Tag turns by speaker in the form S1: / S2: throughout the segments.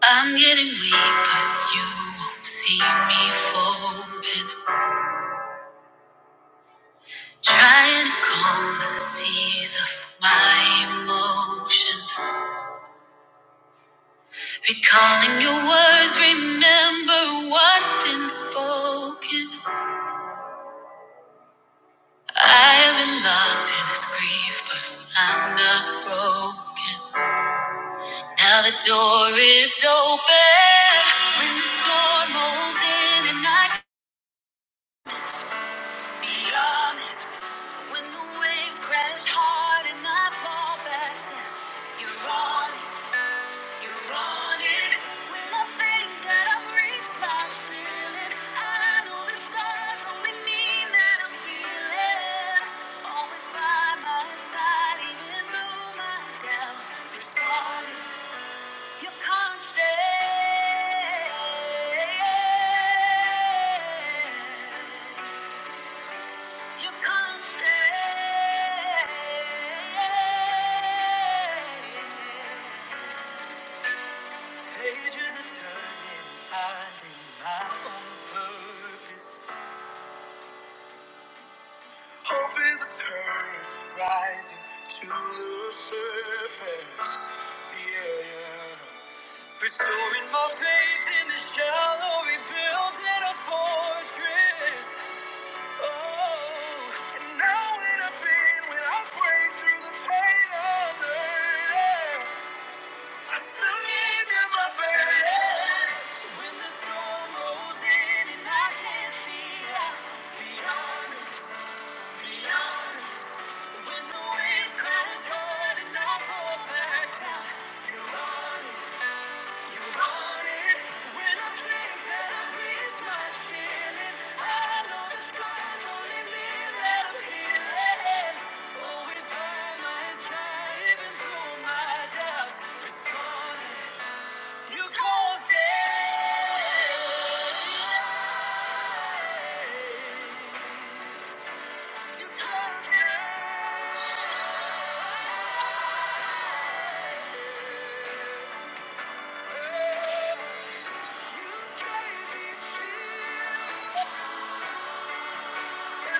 S1: I'm getting weak, but you won't see me folded. Trying to calm the seas of my emotions. Recalling your words, remember what's been spoken. I have been locked in this grief, but I'm not broken. Now the door is open when the storm rolls in, and I can be honest. When the waves crash hard and I fall back down, you're on it, you're on it. When I think that I've reached my ceiling, I know the scars only mean that I'm healing. Always by my side, even through my doubts. You're on it. you're constant. You couldn't stay. Pages are turning, finding my own purpose. Hope is a curve rising to the surface. Yeah, yeah. Restoring my faith in the shallow, rebuilding a fortress. Oh, And now when I've been, when I break through the pain of hurting, surrender my burden. I tried even through my doubts, responded, you gon' stay. You gon' stay. You gave me strength. Yeah.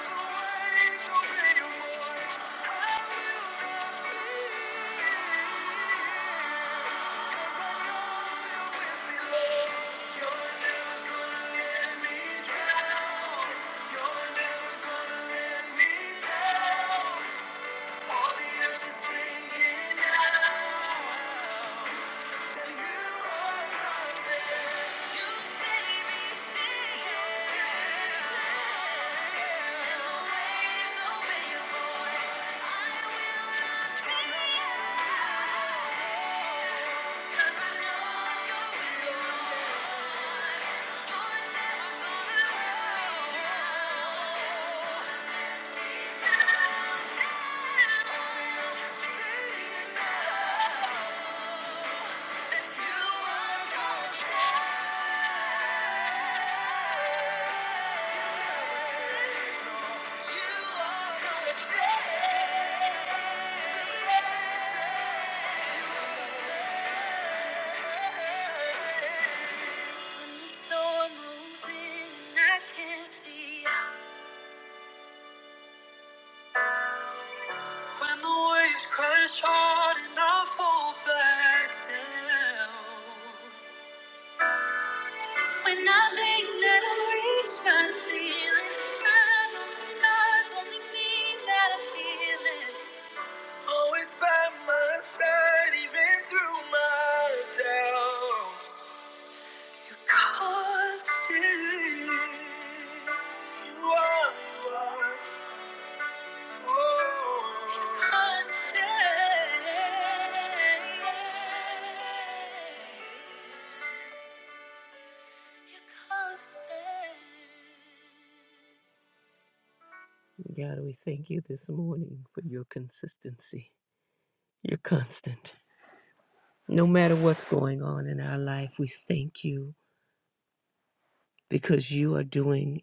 S1: When the storm rolls in and I can't see When the waves crash hard and I fall back down. When I think that I'll reach my ceiling, I the scars only mean that I'm healing. Always by my side, even through my doubts. you are, you are. God, we thank you this morning for your consistency. You're constant. No matter what's going on in our life, we thank you because you are doing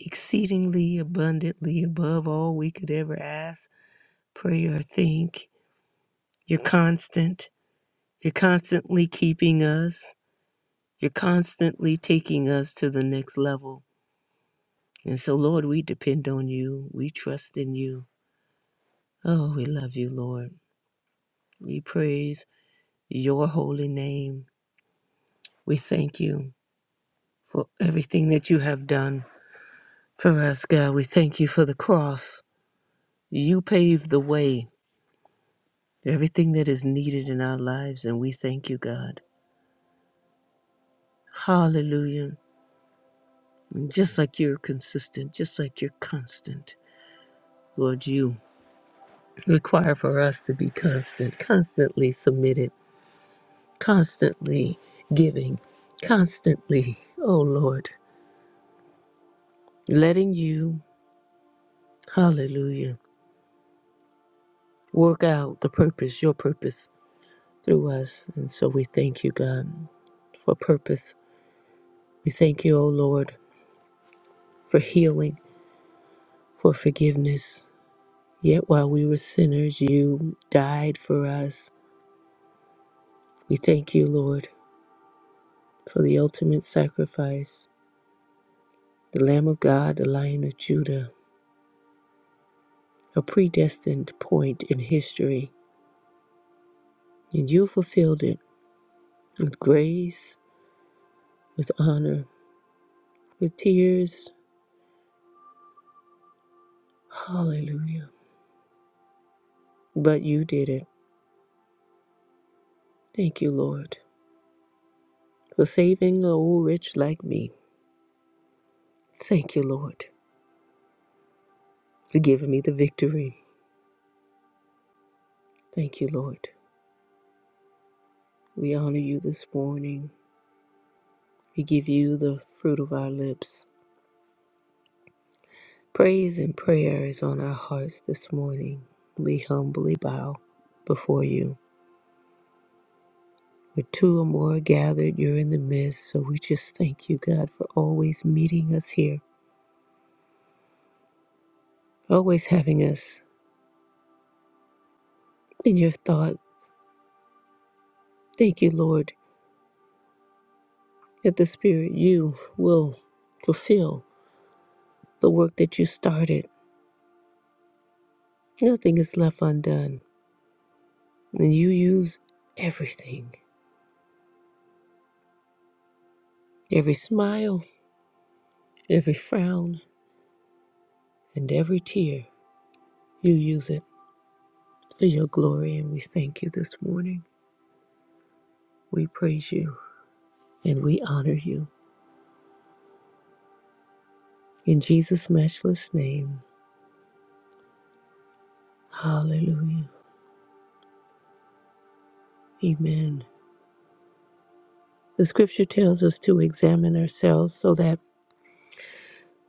S1: exceedingly abundantly above all we could ever ask, pray, or think. You're constant. You're constantly keeping us. You're constantly taking us to the next level. And so, Lord, we depend on you. We trust in you. Oh, we love you, Lord. We praise your holy name. We thank you for everything that you have done for us, God. We thank you for the cross. You paved the way, everything that is needed in our lives, and we thank you, God. Hallelujah. And just like you're consistent, just like you're constant, Lord, you. require for us to be constant, constantly submitted, constantly giving, constantly, oh Lord, letting you, hallelujah, work out the purpose, your purpose through us. And so we thank you, God, for purpose. We thank you, oh Lord, for healing, for forgiveness. Yet while we were sinners, you died for us. We thank you, Lord, for the ultimate sacrifice, the Lamb of God, the Lion of Judah a predestined point in history, and you fulfilled it with grace, with honor, with tears. Hallelujah. But you did it. Thank you, Lord, for saving a old rich like me. Thank you, Lord, for giving me the victory. Thank you, Lord. We honor you this morning. We give you the fruit of our lips. Praise and prayer is on our hearts this morning. We humbly bow before you. Where two or more are gathered, you're in the midst. So we just thank you, God, for always meeting us here, always having us in your thought. Thank you, Lord, that the Spirit, you will fulfill the work that you started. Nothing is left undone. And you use everything every smile, every frown, and every tear. You use it for your glory. And we thank you this morning. We praise you and we honor you. In Jesus' matchless name. Hallelujah. Amen. The scripture tells us to examine ourselves so that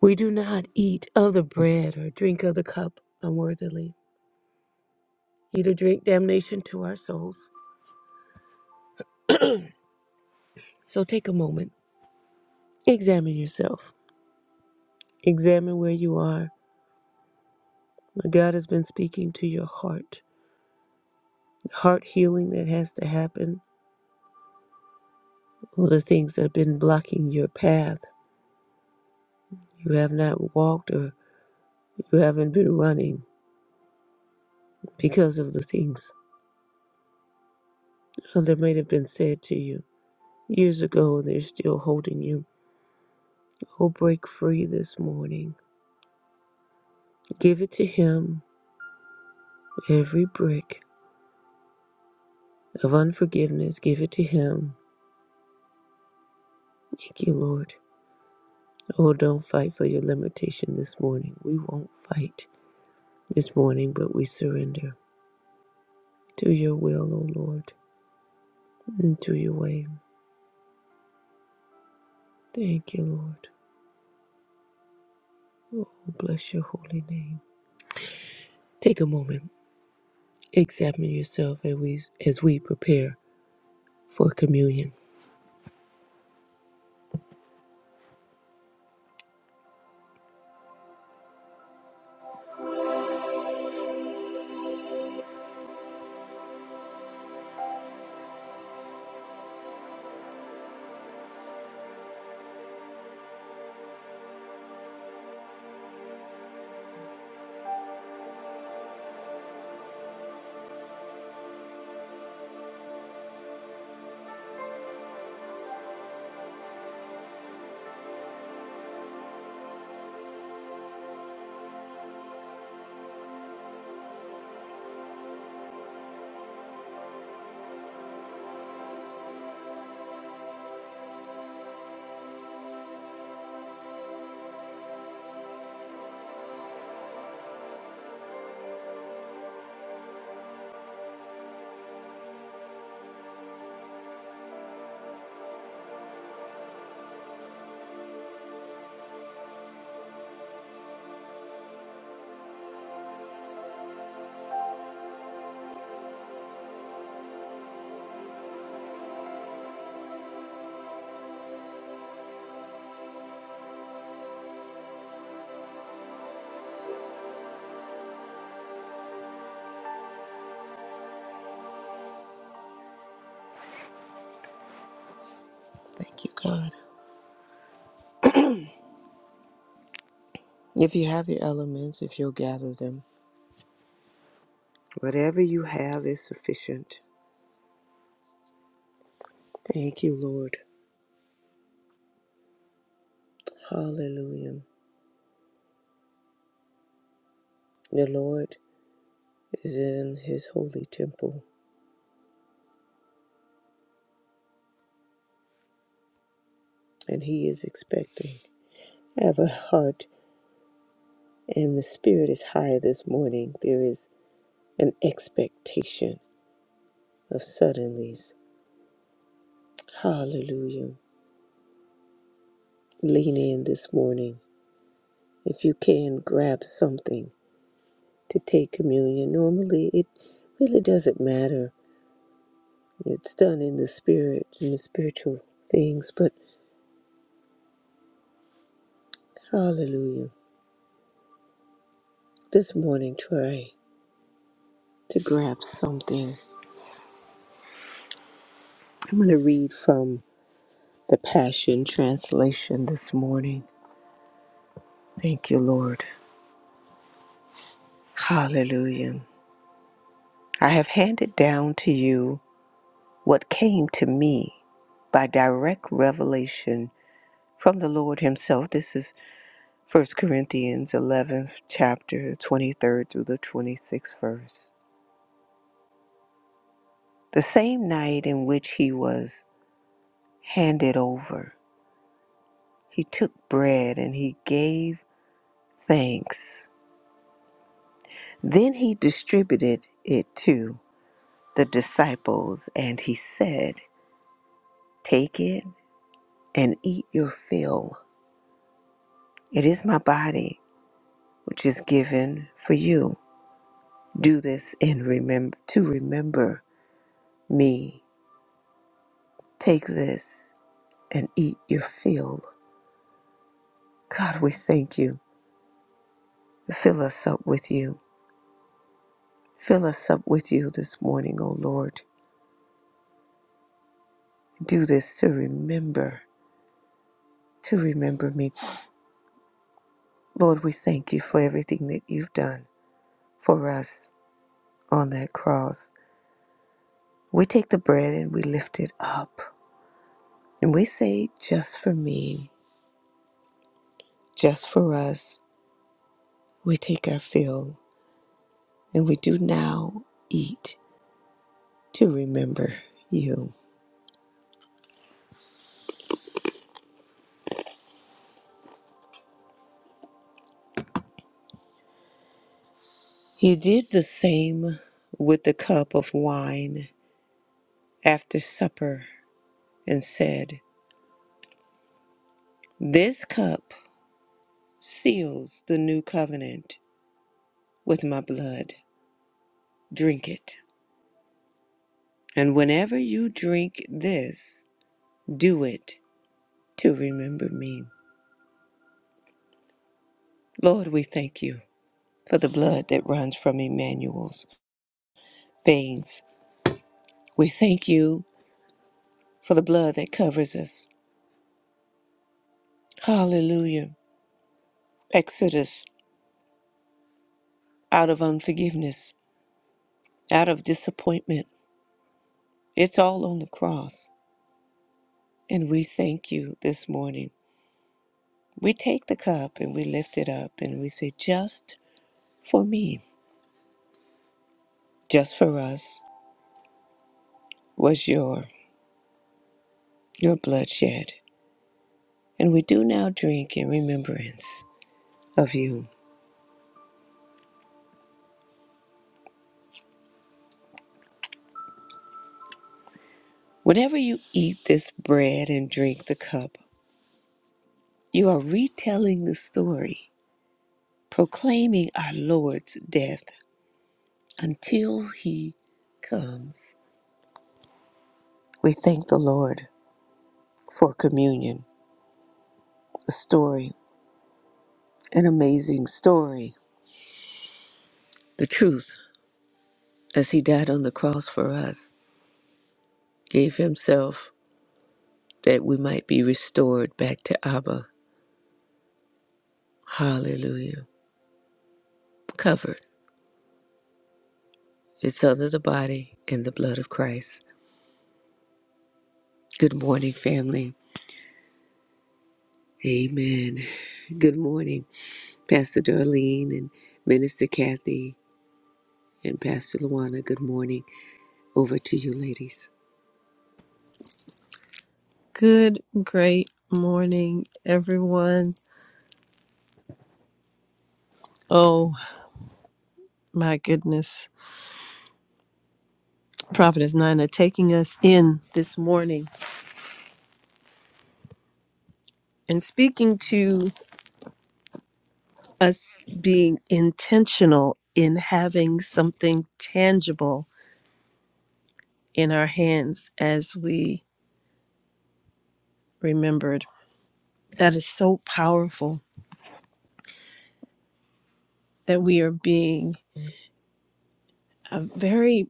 S1: we do not eat of the bread or drink of the cup unworthily, eat or drink damnation to our souls. So take a moment, examine yourself, examine where you are. What God has been speaking to your heart, the heart healing that has to happen, all the things that have been blocking your path. You have not walked or you haven't been running because of the things that might have been said to you. Years ago, they're still holding you. Oh, break free this morning. Give it to Him. Every brick of unforgiveness, give it to Him. Thank you, Lord. Oh, don't fight for your limitation this morning. We won't fight this morning, but we surrender to your will, O Lord, and to your way. Thank you, Lord. Oh, bless your holy name. Take a moment, examine yourself as we, as we prepare for communion. Thank you, God. If you have your elements, if you'll gather them, whatever you have is sufficient. Thank you, Lord. Hallelujah. The Lord is in his holy temple, and he is expecting. I have a heart, and the spirit is high this morning. There is an expectation of suddenlies. Hallelujah. Lean in this morning. If you can, grab something to take communion. Normally, it really doesn't matter It's done in the spirit, in the spiritual things, but hallelujah. This morning, try to grab something. I'm going to read from the Passion Translation this morning. Thank you, Lord. Hallelujah. I have handed down to you what came to me by direct revelation from the Lord Himself. This is First Corinthians 11th chapter, 23rd through the 26th verse. The same night in which he was handed over, he took bread and he gave thanks. Then he distributed it to the disciples and he said, Take it and eat your fill. It is my body, which is given for you. Do this in remember to remember me. Take this and eat your fill. God, we thank you. Fill us up with you. Fill us up with you this morning, O Lord. Do this to remember, to remember me. Lord, we thank you for everything that you've done for us on that cross. We take the bread and we lift it up. And we say, just for me, just for us, we take our fill. And we do now eat to remember you. He did the same with the cup of wine after supper and said, This cup. seals the new covenant with my blood. Drink it. And whenever you drink this, do it to remember me. Lord, we thank you for the blood that runs from Emmanuel's veins. We thank you for the blood that covers us. Hallelujah. Exodus out of unforgiveness, out of disappointment. It's all on the cross. And we thank you this morning. We take the cup and we lift it up and we say, Just for me, just for us, was your your bloodshed. And we do now drink in remembrance of you. Whenever you eat this bread and drink the cup, you are retelling the story, proclaiming our Lord's death until he comes. We thank the Lord for communion, a story, an amazing story, the truth as he died on the cross for us, gave himself that we might be restored back to Abba. Hallelujah. Covered. It's under the body and the blood of Christ. Good morning, family. Amen. Good morning, Pastor Darlene and Minister Kathy and Pastor Luana. Good morning. Over to you, ladies.
S2: Good, great morning, everyone. Oh my goodness. Prophetess Nina taking us in this morning and speaking to us being intentional in having something tangible in our hands as we remembered. That is so powerful that we are being uh, very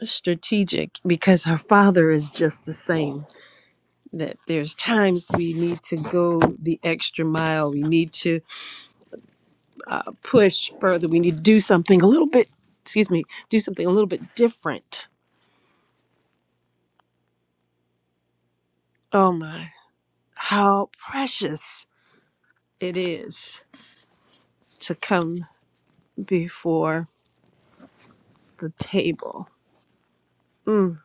S2: strategic because our Father is just the same that there's times we need to go the extra mile. We need to uh, push further. We need to do something a little bit, excuse me, do something a little bit different. Oh my, how precious it is to come before the table. Mm,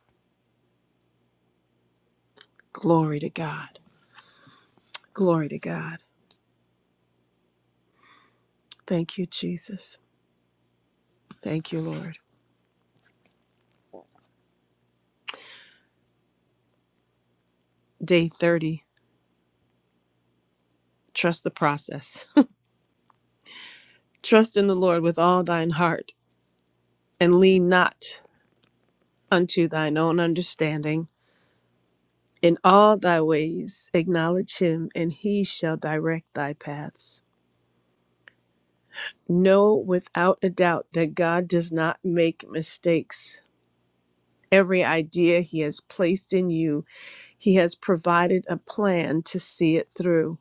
S2: glory to God. Glory to God. Thank you, Jesus. Thank you, Lord. Day 30, trust the process. Trust in the Lord with all thine heart and lean not unto thine own understanding. In all thy ways acknowledge him, and he shall direct thy paths. Know without a doubt that God does not make mistakes. Every idea he has placed in you, he has provided a plan to see it through.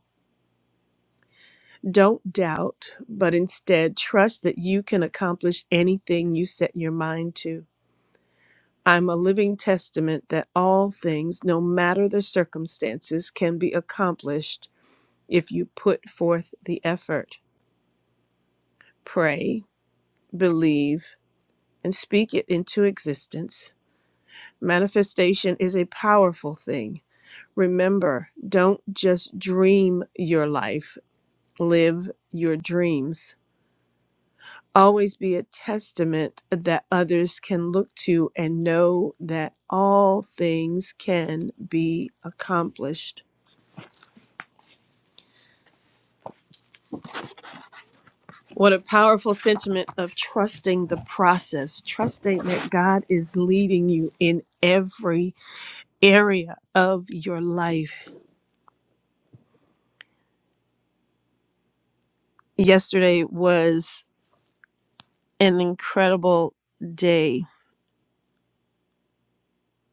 S2: Don't doubt, but instead trust that you can accomplish anything you set your mind to. I'm a living testament that all things, no matter the circumstances, can be accomplished if you put forth the effort. Pray, believe, and speak it into existence. Manifestation is a powerful thing. Remember, don't just dream your life, live your dreams. Always be a testament that others can look to and know that all things can be accomplished. What a powerful sentiment of trusting the process, trusting that God is leading you in every area of your life. Yesterday was an incredible day.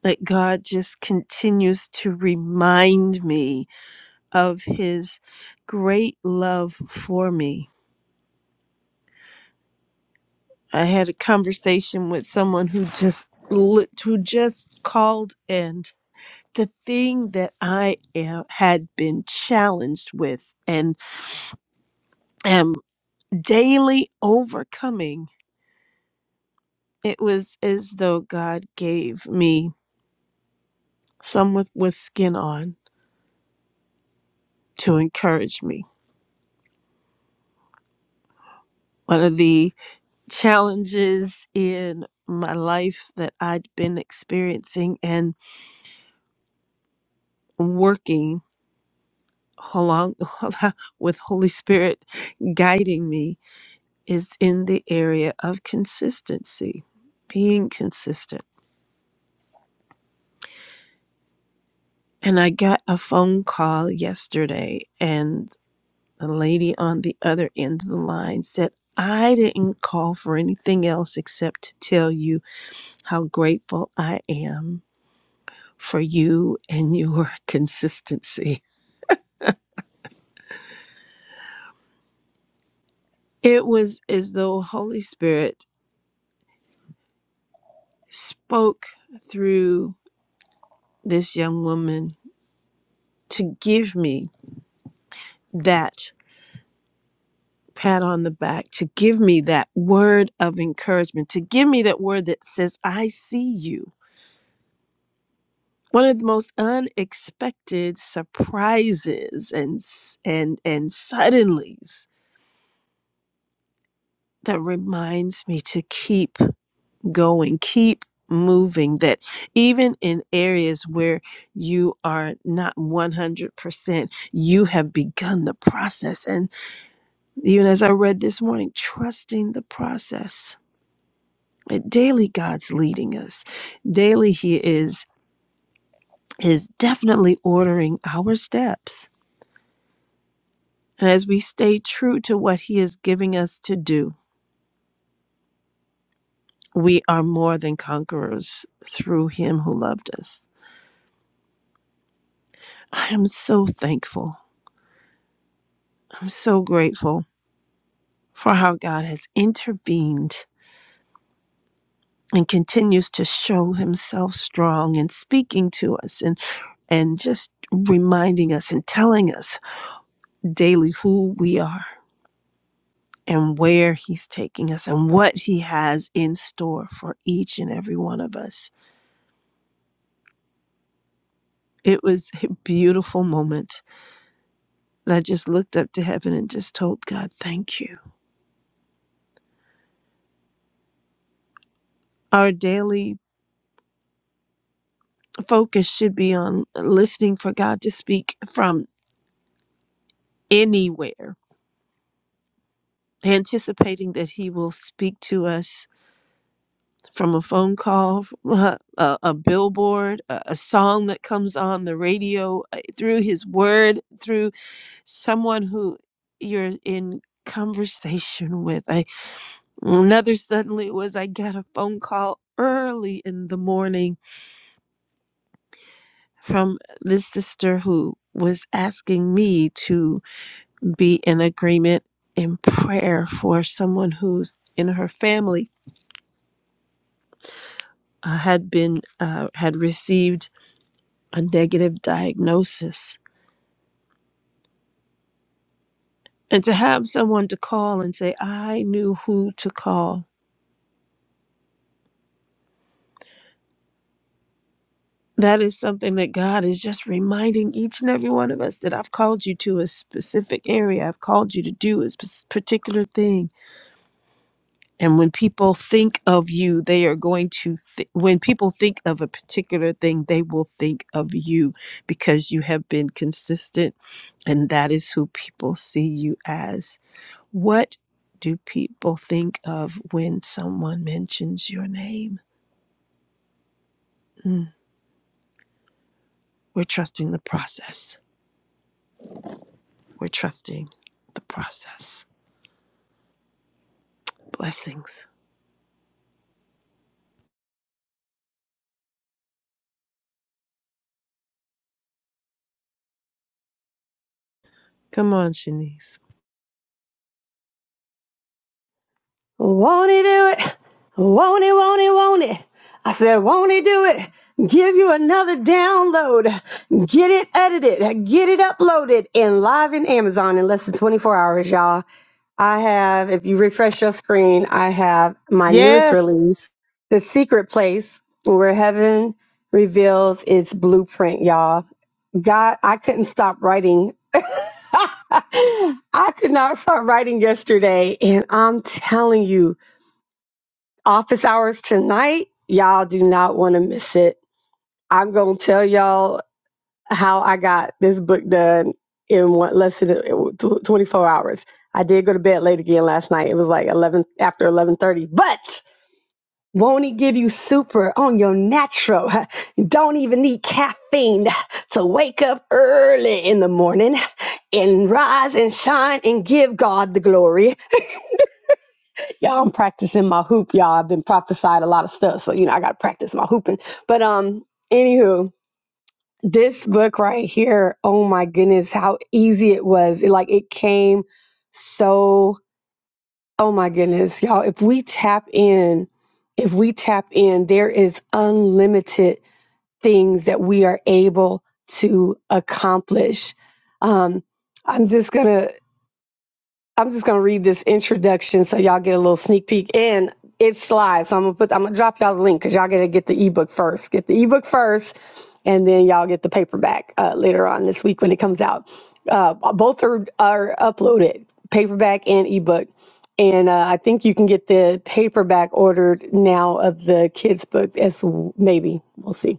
S2: That God just continues to remind me of his great love for me. I had a conversation with someone who just lit- who just called in the thing that I am, had been challenged with and am daily overcoming, it was as though God gave me some with, with skin on to encourage me. One of the challenges in my life that I'd been experiencing and working along with Holy Spirit guiding me is in the area of consistency, being consistent And I got a phone call yesterday, and the lady on the other end of the line said, I didn't call for anything else except to tell you how grateful I am for you and your consistency. It was as though Holy Spirit spoke through this young woman to give me that pat on the back, to give me that word of encouragement, to give me that word that says, I see you. one of the most unexpected surprises and and and suddenlies that reminds me to keep going keep moving that even in areas where you are not 100% you have begun the process and even as i read this morning trusting the process that daily god's leading us daily he is is definitely ordering our steps And as we stay true to what He is giving us to do, we are more than conquerors through Him who loved us. I am so thankful. I'm so grateful for how God has intervened and continues to show Himself strong and speaking to us and, and just reminding us and telling us daily who we are and where He's taking us and what He has in store for each and every one of us. It was a beautiful moment And I just looked up to heaven and just told God, thank you. Our daily focus should be on listening for God to speak from anywhere, anticipating that He will speak to us from a phone call, a, a, a billboard, a, a song that comes on the radio, uh, through His Word, through someone who you're in conversation with. I, another suddenly was I got a phone call early in the morning from this sister who was asking me to be in agreement in prayer for someone who's in her family uh, had been uh, had received a negative diagnosis and to have someone to call and say i knew who to call that is something that god is just reminding each and every one of us that i've called you to a specific area i've called you to do a sp- particular thing And when people think of you, they are going to, th- when people think of a particular thing, they will think of you because you have been consistent and that is who people see you as. What do people think of when someone mentions your name? Mm, We're trusting the process. We're trusting the process. Blessings. Come on, Shanice.
S3: Won't he do it? Won't he, won't he, won't he? I said, won't he do it? Give you another download. Get it edited. Get it uploaded and live in Amazon in less than 24 hours, y'all. I have, if you refresh your screen, I have my newest release,
S2: Yes.
S3: The Secret Place, where heaven reveals its blueprint, y'all. God, I couldn't stop writing. I could not stop writing yesterday. And I'm telling you, office hours tonight. Y'all do not want to miss it. I'm going to tell y'all how I got this book done in one, less than tw- 24 hours. I did go to bed late again last night. It was like 11 after 11:30. But won't he give you super on your natural? Don't even need caffeine to wake up early in the morning and rise and shine and give God the glory. Y'all, I'm practicing my hoop, y'all. I've been prophesied a lot of stuff, so you know I gotta practice my hooping. But um, anywho, this book right here, oh my goodness, how easy it was. It, like it came so oh my goodness, y'all. If we tap in, if we tap in, there is unlimited things that we are able to accomplish. Um, I'm just gonna I'm just gonna read this introduction so y'all get a little sneak peek. And it's live, so I'm gonna put I'm gonna drop y'all the link because y'all gotta get the ebook first. Get the ebook first, and then y'all get the paperback uh, later on this week when it comes out. Uh, both are are uploaded, paperback and ebook. And uh, I think you can get the paperback ordered now of the kids' book as maybe we'll see.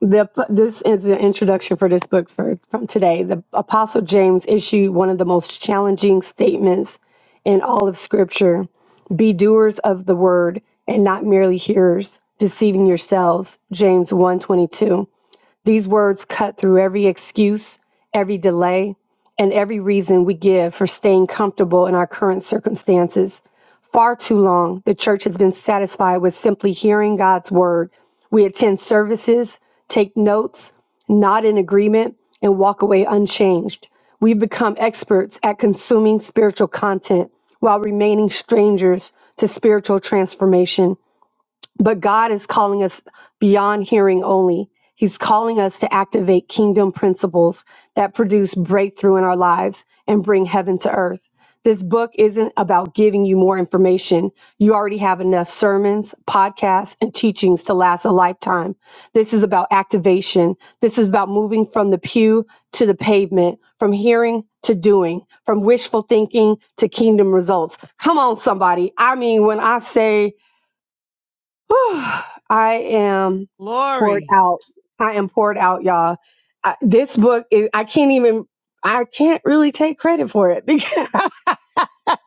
S3: The, this is the introduction for this book for, from today. The Apostle James issued one of the most challenging statements in all of Scripture Be doers of the word and not merely hearers, deceiving yourselves. James one twenty two. These words cut through every excuse, every delay, and every reason we give for staying comfortable in our current circumstances. Far too long, the church has been satisfied with simply hearing God's word. We attend services, take notes, nod in agreement, and walk away unchanged. We've become experts at consuming spiritual content while remaining strangers to spiritual transformation. But God is calling us beyond hearing only. He's calling us to activate kingdom principles that produce breakthrough in our lives and bring heaven to earth. This book isn't about giving you more information. You already have enough sermons, podcasts, and teachings to last a lifetime. This is about activation. This is about moving from the pew to the pavement, from hearing to doing, from wishful thinking to kingdom results. Come on, somebody. I mean, when I say, Whew. I am poured
S2: Glory.
S3: out. I am poured out, y'all. I, this book is, I can't even, I can't really take credit for it because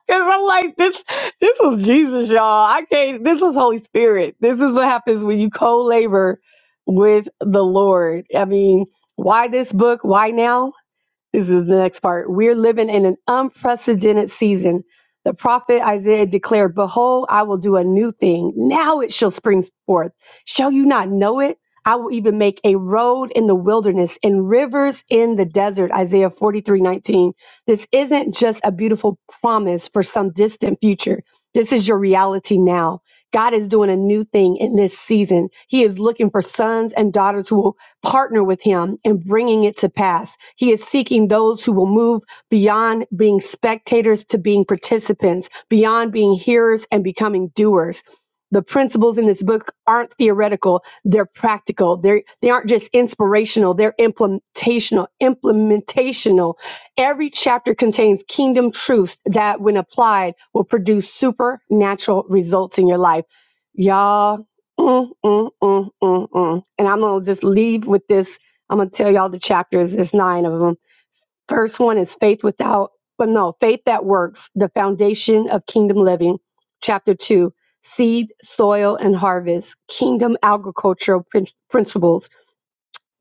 S3: I'm like, this, this was Jesus, y'all. I can't, this was Holy Spirit. This is what happens when you co labor with the Lord. I mean, why this book? Why now? This is the next part. We're living in an unprecedented season. The prophet Isaiah declared, Behold, I will do a new thing. Now it shall spring forth. Shall you not know it? I will even make a road in the wilderness and rivers in the desert. Isaiah 43 19. This isn't just a beautiful promise for some distant future. This is your reality now. God is doing a new thing in this season. He is looking for sons and daughters who will partner with him in bringing it to pass. He is seeking those who will move beyond being spectators to being participants, beyond being hearers and becoming doers. The principles in this book aren't theoretical, they're practical. They're, they aren't just inspirational, they're implementational, implementational. Every chapter contains kingdom truths that, when applied, will produce supernatural results in your life. Y'all Mm, mm, mm, mm, mm. And I'm going to just leave with this. I'm going to tell y'all the chapters. There's nine of them. First one is faith without, but no, faith that works, the foundation of kingdom living. Chapter two, seed, soil, and harvest, kingdom agricultural prin- principles.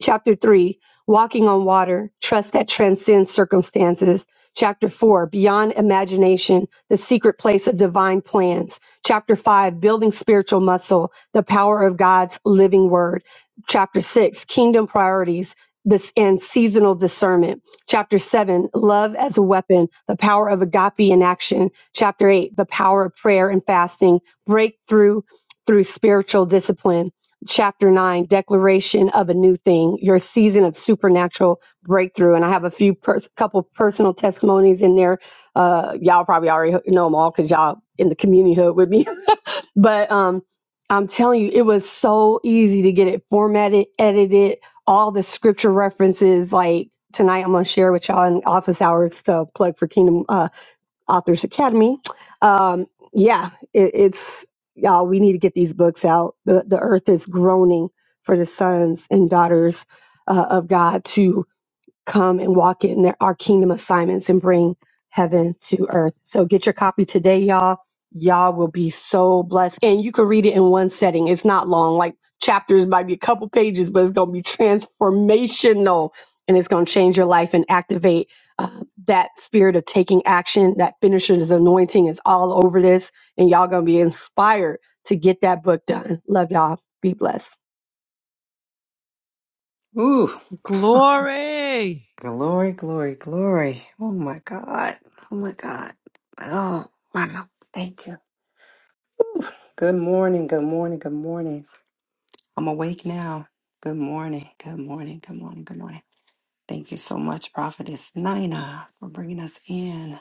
S3: Chapter 3 Walking on Water, Trust that Transcends Circumstances. Chapter 4 Beyond Imagination, The Secret Place of Divine Plans. Chapter 5 Building Spiritual Muscle, The Power of God's Living Word. Chapter 6 Kingdom Priorities. This and seasonal discernment. Chapter 7, love as a weapon, the power of agape in action. Chapter 8, the power of prayer and fasting, breakthrough through spiritual discipline chapter 9 declaration of a new thing your season of supernatural breakthrough and i have a few per- couple personal testimonies in there uh y'all probably already know them all because y'all in the community hood with me but um i'm telling you it was so easy to get it formatted edited all the scripture references like tonight i'm going to share with y'all in office hours so plug for kingdom Uh, Authors Academy. Um, yeah, it, it's y'all. We need to get these books out. The the earth is groaning for the sons and daughters uh, of God to come and walk in their, our kingdom assignments and bring heaven to earth. So get your copy today, y'all. Y'all will be so blessed. And you can read it in one setting. It's not long, like chapters might be a couple pages, but it's going to be transformational and it's going to change your life and activate uh, that spirit of taking action. That finisher's anointing is all over this. And y'all going to be inspired to get that book done. Love y'all. Be blessed.
S4: Ooh,
S2: Glory.
S4: glory, glory, glory. Oh my God. Oh my God. Oh, wow. Thank you. Ooh. Good morning. Good morning. Good morning. I'm awake now. Good morning. Good morning. Good morning. Good morning. Thank you so much, Prophetess Nina, for bringing us in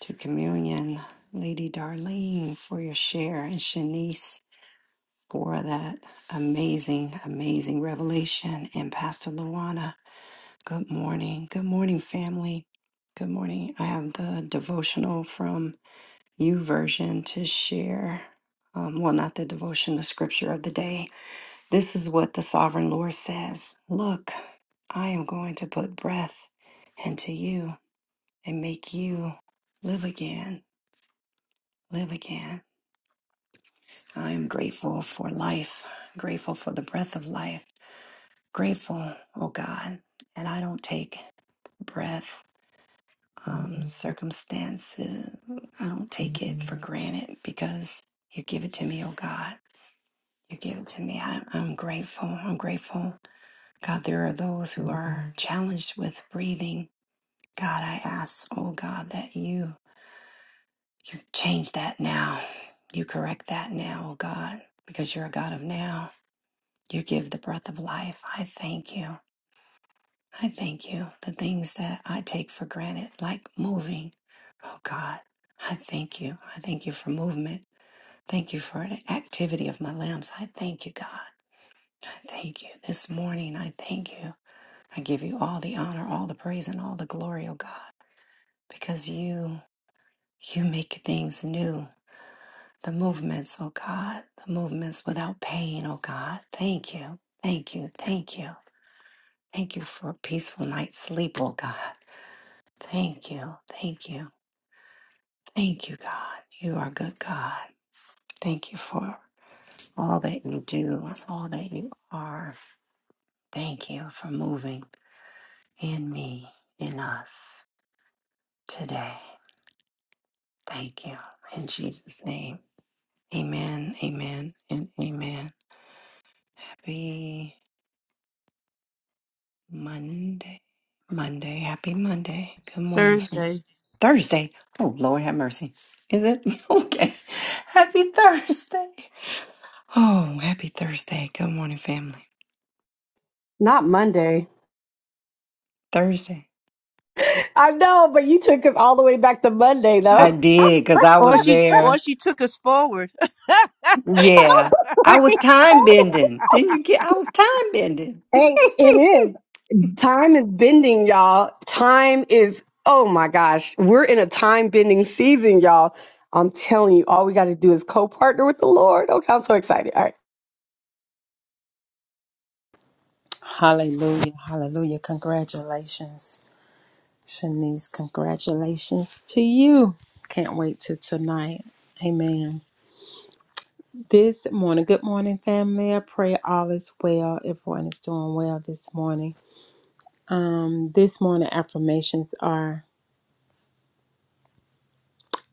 S4: to communion. Lady Darlene, for your share, and Shanice, for that amazing, amazing revelation, and Pastor Luana Good morning. Good morning, family. Good morning. I have the devotional from U version to share. Um, well, not the devotion, the scripture of the day. This is what the sovereign Lord says Look, I am going to put breath into you and make you live again. Live again. I am grateful for life, grateful for the breath of life, grateful, oh God. And I don't take breath um, circumstances. I don't take it for granted because you give it to me, oh God. You give it to me. I, I'm grateful. I'm grateful. God, there are those who are challenged with breathing. God, I ask, oh God, that you you change that now. You correct that now, oh God, because you're a God of now. You give the breath of life. I thank you. I thank you. The things that I take for granted, like moving. Oh God, I thank you. I thank you for movement. Thank you for the activity of my limbs. I thank you, God. I thank you. This morning, I thank you. I give you all the honor, all the praise, and all the glory, oh God, because you, you make things new. The movements, oh God, the movements without pain, oh God. Thank you. Thank you. Thank you. Thank you for a peaceful night's sleep, oh God. Thank you. Thank you. Thank you, God. You are good, God. Thank you for all that you do, all that you are. Thank you for moving in me, in us today. Thank you. In Jesus' name. Amen, amen, and amen. Happy Monday. Monday. Happy Monday. Good morning,
S2: Thursday.
S4: fam. Thursday. Oh, Lord have mercy. Is it? Okay. Happy Thursday. Oh, happy Thursday. Good morning, family.
S3: Not Monday.
S4: Thursday.
S3: I know, but you took us all the way back to Monday,
S4: I
S3: though.
S4: did because I
S2: Or
S4: was
S2: she or
S4: there.
S2: she took us forward,
S4: Yeah. I
S3: Like,
S4: was time
S3: oh,
S4: bending. Didn't you get? I was time bending.
S3: hey, it is. Time is bending, y'all. Time is, oh my gosh, we're in a time bending season, y'all. I'm telling you, all we got to do is co partner with the Lord. Okay, I'm so excited. All right.
S5: Hallelujah. Hallelujah. Congratulations, Shanice. Congratulations to you. Can't wait to tonight. Amen. This morning, good morning, family. I pray all is well. Everyone is doing well this morning. Um, this morning affirmations are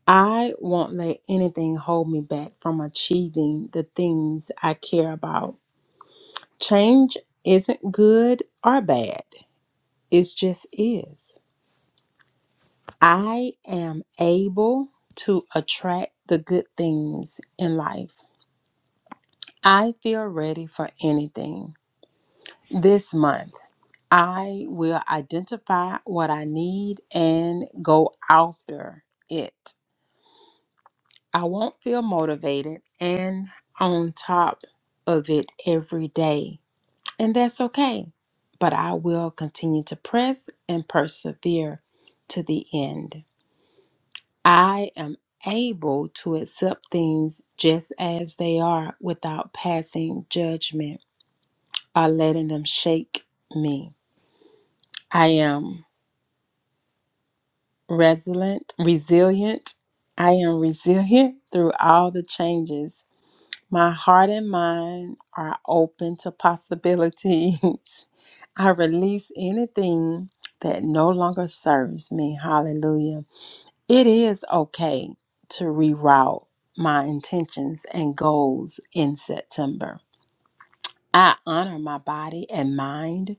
S5: I won't let anything hold me back from achieving the things I care about. Change isn't good or bad. It's just is. I am able to attract the good things in life. I feel ready for anything. This month, I will identify what I need and go after it. I won't feel motivated and on top of it every day, and that's okay. But I will continue to press and persevere to the end. I am able to accept things just as they are without passing judgment or letting them shake me. I am resilient, resilient. I am resilient through all the changes. My heart and mind are open to possibilities. I release anything that no longer serves me. Hallelujah. It is okay to reroute my intentions and goals in September. I honor my body and mind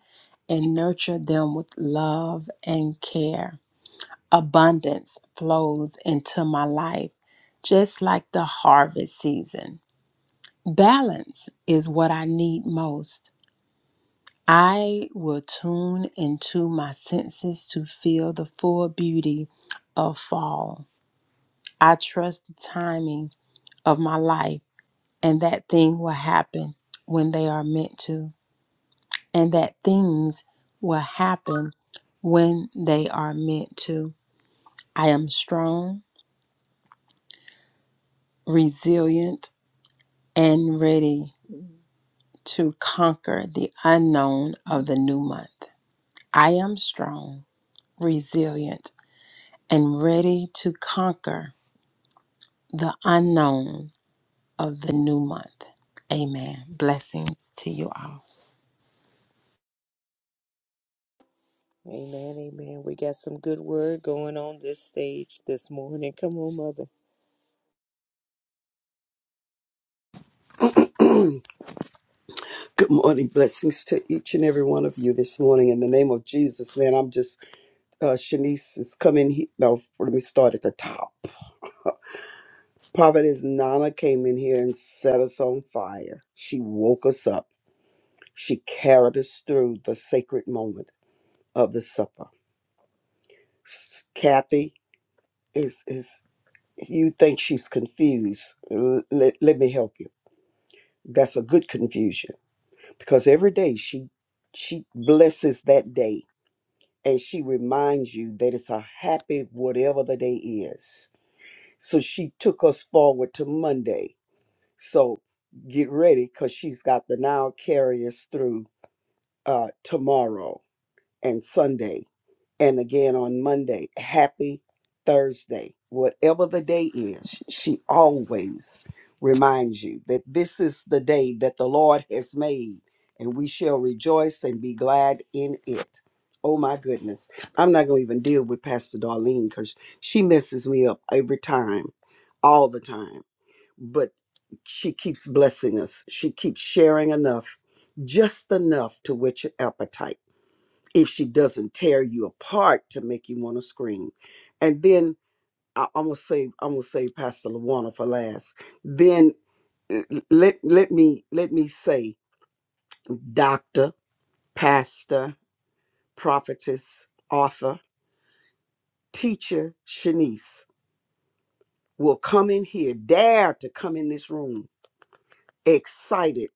S5: and nurture them with love and care. Abundance flows into my life just like the harvest season. Balance is what I need most. I will tune into my senses to feel the full beauty of fall. I trust the timing of my life, and that thing will happen when they are meant to, and that things will happen when they are meant to. I am strong, resilient, and ready to conquer the unknown of the new month. I am strong, resilient, and ready to conquer the unknown of the new month. Amen. Blessings to you all.
S1: Amen, amen. We got some good word going on this stage this morning. Come on, mother.
S6: Good morning. Blessings to each and every one of you this morning. In the name of Jesus, man, I'm just, uh, Shanice is coming here. No, let me start at the top. Prophetess Nana came in here and set us on fire. She woke us up. She carried us through the sacred moment of the supper. S- Kathy is, is you think she's confused. L- let, let me help you. That's a good confusion because every day she she blesses that day and she reminds you that it's a happy whatever the day is. So she took us forward to Monday. So get ready because she's got the now carriers through uh, tomorrow and Sunday, and again on Monday. Happy Thursday. Whatever the day is, she always reminds you that this is the day that the Lord has made, and we shall rejoice and be glad in it. Oh my goodness. I'm not going to even deal with Pastor Darlene because she messes me up every time, all the time. But she keeps blessing us. She keeps sharing enough, just enough to whet your appetite if she doesn't tear you apart to make you want to scream. And then I, I'm gonna say I'm gonna say Pastor Lawana for last. Then uh, let let me let me say Doctor, Pastor, Prophetess, Author, Teacher Shanice will come in here, dare to come in this room, excited,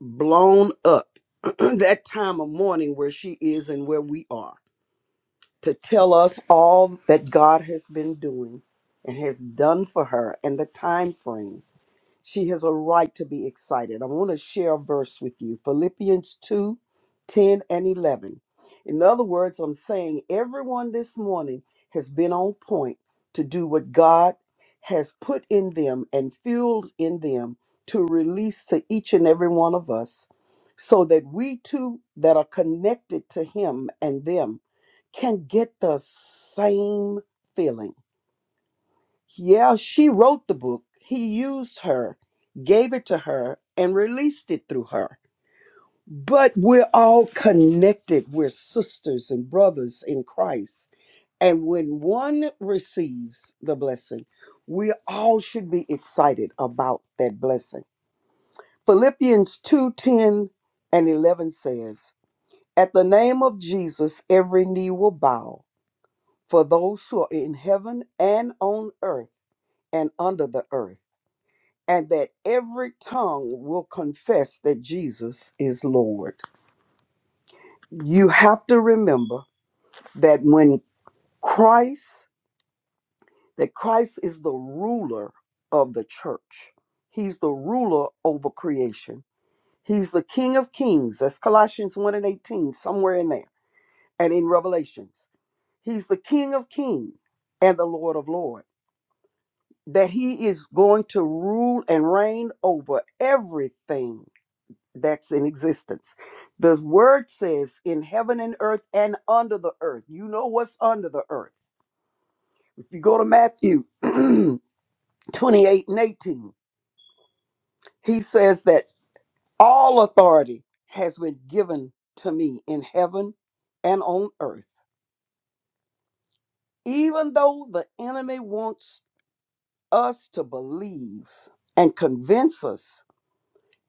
S6: blown up. that time of morning where she is and where we are to tell us all that God has been doing and has done for her and the time frame. She has a right to be excited. I want to share a verse with you Philippians 2, 10 and 11. In other words, I'm saying everyone this morning has been on point to do what God has put in them and fueled in them to release to each and every one of us so that we too that are connected to Him and them can get the same feeling yeah, she wrote the book. He used her, gave it to her, and released it through her. But we're all connected. We're sisters and brothers in Christ. And when one receives the blessing, we all should be excited about that blessing. Philippians 2 10 and 11 says, At the name of Jesus, every knee will bow for those who are in heaven and on earth and under the earth and that every tongue will confess that Jesus is Lord. You have to remember that when Christ, that Christ is the ruler of the church. He's the ruler over creation. He's the King of Kings. That's Colossians 1 and 18, somewhere in there, and in Revelations. He's the King of Kings and the Lord of Lords. That he is going to rule and reign over everything that's in existence. The word says in heaven and earth and under the earth. You know what's under the earth. If you go to Matthew 28 and 18, he says that all authority has been given to me in heaven and on earth. Even though the enemy wants us to believe and convince us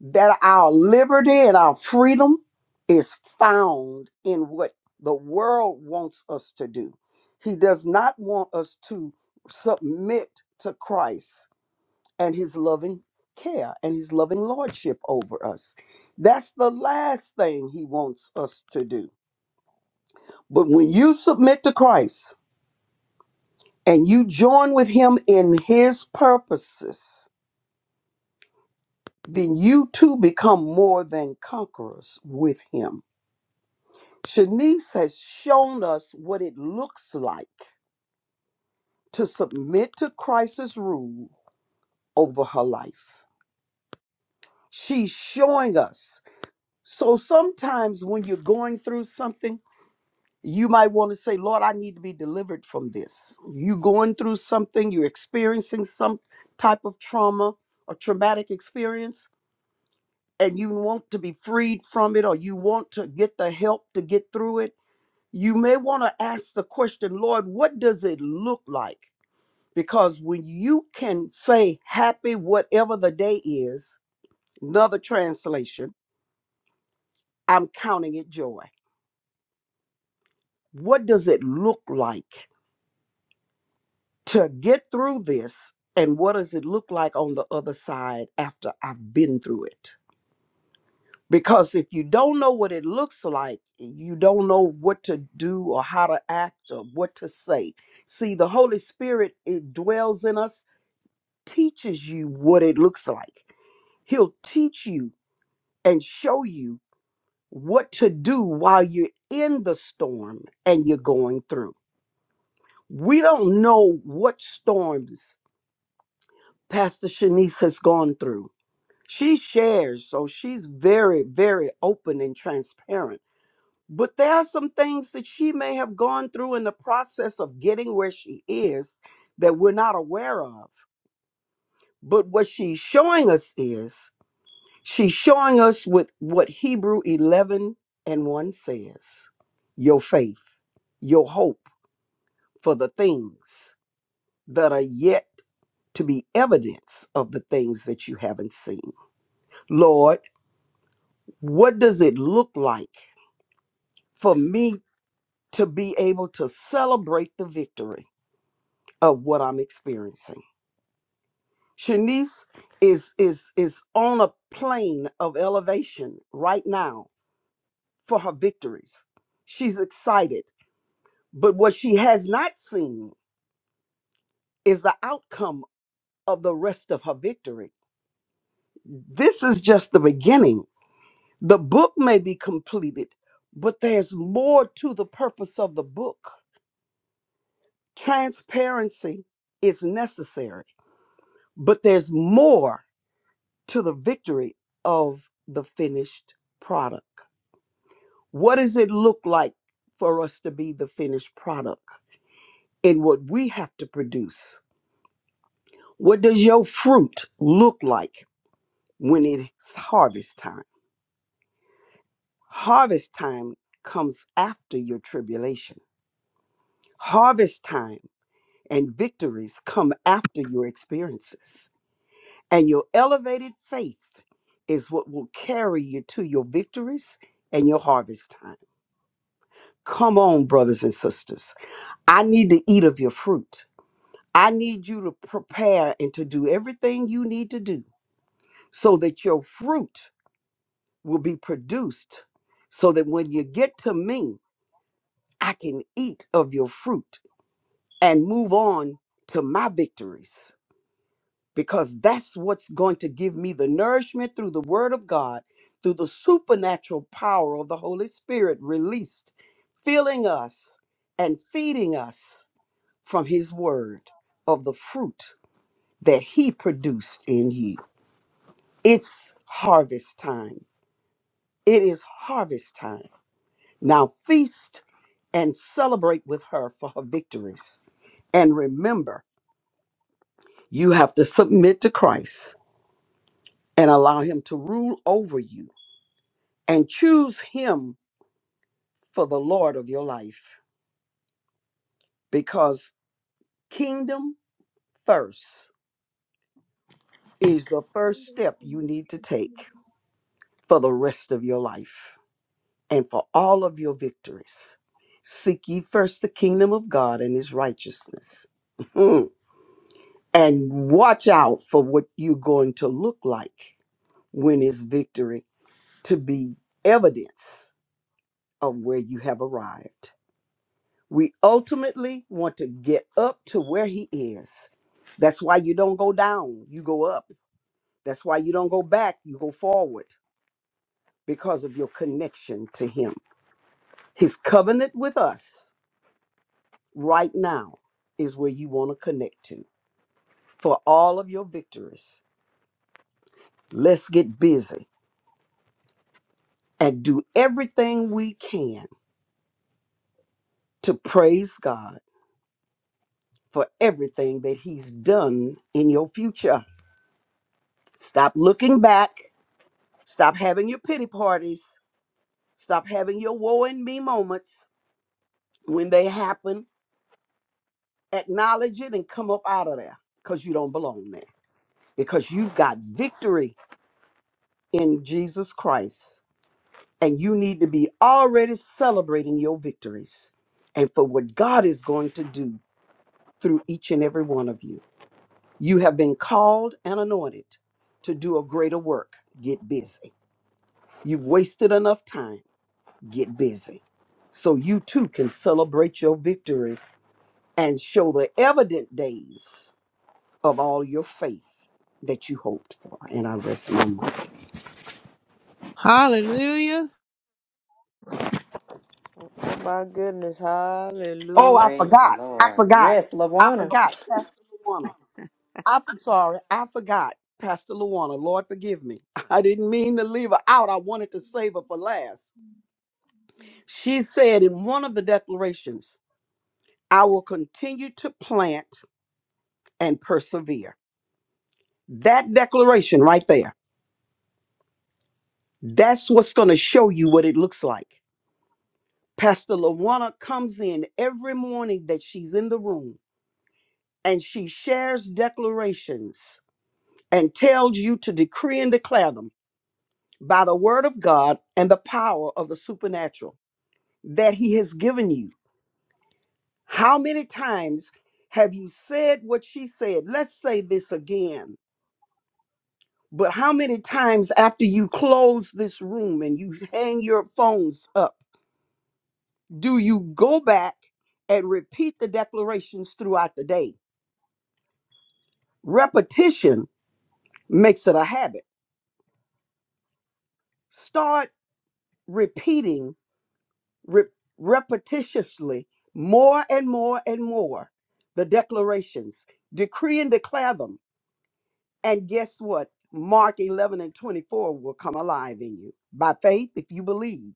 S6: that our liberty and our freedom is found in what the world wants us to do. He does not want us to submit to Christ and his loving care and his loving lordship over us. That's the last thing he wants us to do. But when you submit to Christ and you join with him in his purposes, then you too become more than conquerors with him. Shanice has shown us what it looks like to submit to Christ's rule over her life. She's showing us. So sometimes when you're going through something, you might want to say, Lord, I need to be delivered from this. you are going through something, you're experiencing some type of trauma or traumatic experience, and you want to be freed from it or you want to get the help to get through it you may want to ask the question, Lord, what does it look like? Because when you can say happy, whatever the day is, another translation, I'm counting it joy. What does it look like to get through this? And what does it look like on the other side after I've been through it? Because if you don't know what it looks like, you don't know what to do or how to act or what to say. See, the Holy Spirit, it dwells in us teaches you what it looks like. He'll teach you and show you what to do while you're in the storm and you're going through. We don't know what storms Pastor Shanice has gone through. She shares, so she's very, very open and transparent. But there are some things that she may have gone through in the process of getting where she is that we're not aware of. But what she's showing us is She's showing us with what Hebrew 11 and 1 says your faith, your hope for the things that are yet to be evidence of the things that you haven't seen. Lord, what does it look like for me to be able to celebrate the victory of what I'm experiencing? Shanice is is is on a plane of elevation right now for her victories. She's excited But what she has not seen is the outcome of the rest of her victory. This is just the beginning. The book may be completed, but there's more to the purpose of the book. Transparency is necessary, but there's more to the victory of the finished product. What does it look like for us to be the finished product in what we have to produce? What does your fruit look like? when it's harvest time. Harvest time comes after your tribulation. Harvest time and victories come after your experiences. And your elevated faith is what will carry you to your victories and your harvest time. Come on, brothers and sisters. I need to eat of your fruit. I need you to prepare and to do everything you need to do so that your fruit will be produced so that when you get to me, I can eat of your fruit and move on to my victories because that's what's going to give me the nourishment through the Word of God, through the supernatural power of the Holy Spirit released, filling us and feeding us from His Word of the fruit that He produced in you. It's harvest time. It is harvest time. Now feast and celebrate with her for her victories. And remember, You have to submit to Christ and allow Him to rule over you and choose Him for the Lord of your life because kingdom first is the first step you need to take for the rest of your life and for all of your victories. Seek ye first the kingdom of God and His righteousness. Mm. And watch out for what you're going to look like when it's victory to be evidence of where you have arrived. We ultimately want to get up to where He is. That's why you don't go down, you go up. That's why you don't go back, you go forward because of your connection to Him. His covenant with us right now is where you want to connect to for all of your victories. Let's get busy and do everything we can to praise God for everything that He's done in your future. Stop looking back Stop having your pity parties. Stop having your woe and me moments. When they happen, acknowledge it and come up out of there because you don't belong there. Because you've got victory in Jesus Christ. And you need to be already celebrating your victories and for what God is going to do through each and every one of you. You have been called and anointed to do a greater work. Get busy. You've wasted enough time get busy so you too can celebrate your victory and show the evident days of all your faith that you hoped for. And I rest my mind.
S2: Hallelujah.
S1: Oh my goodness,
S6: Oh,
S1: hallelujah.
S6: I
S4: Praise the
S6: forgot. I
S4: Lord.
S6: forgot.
S4: Yes,
S6: I
S4: Lawana.
S6: forgot. Pastor Luana. I'm sorry. I forgot. Pastor Luana. Lord, forgive me. I didn't mean to leave her out. I wanted to save her for last. She said in one of the declarations, I will continue to plant and persevere. That declaration right there That's what's going to show you what it looks like. Pastor Lawana comes in every morning that she's in the room and she shares declarations and tells you to decree and declare them by the word of God and the power of the supernatural that he has given you. How many times have you said what she said? Let's say this again. But how many times after you close this room and you hang your phones up? do you go back and repeat the declarations throughout the day? Repetition makes it a habit. Start repeating re- repetitiously more and more and more the declarations. Decree and declare them. And guess what? Mark 11 and 24 will come alive in you. By faith, if you believe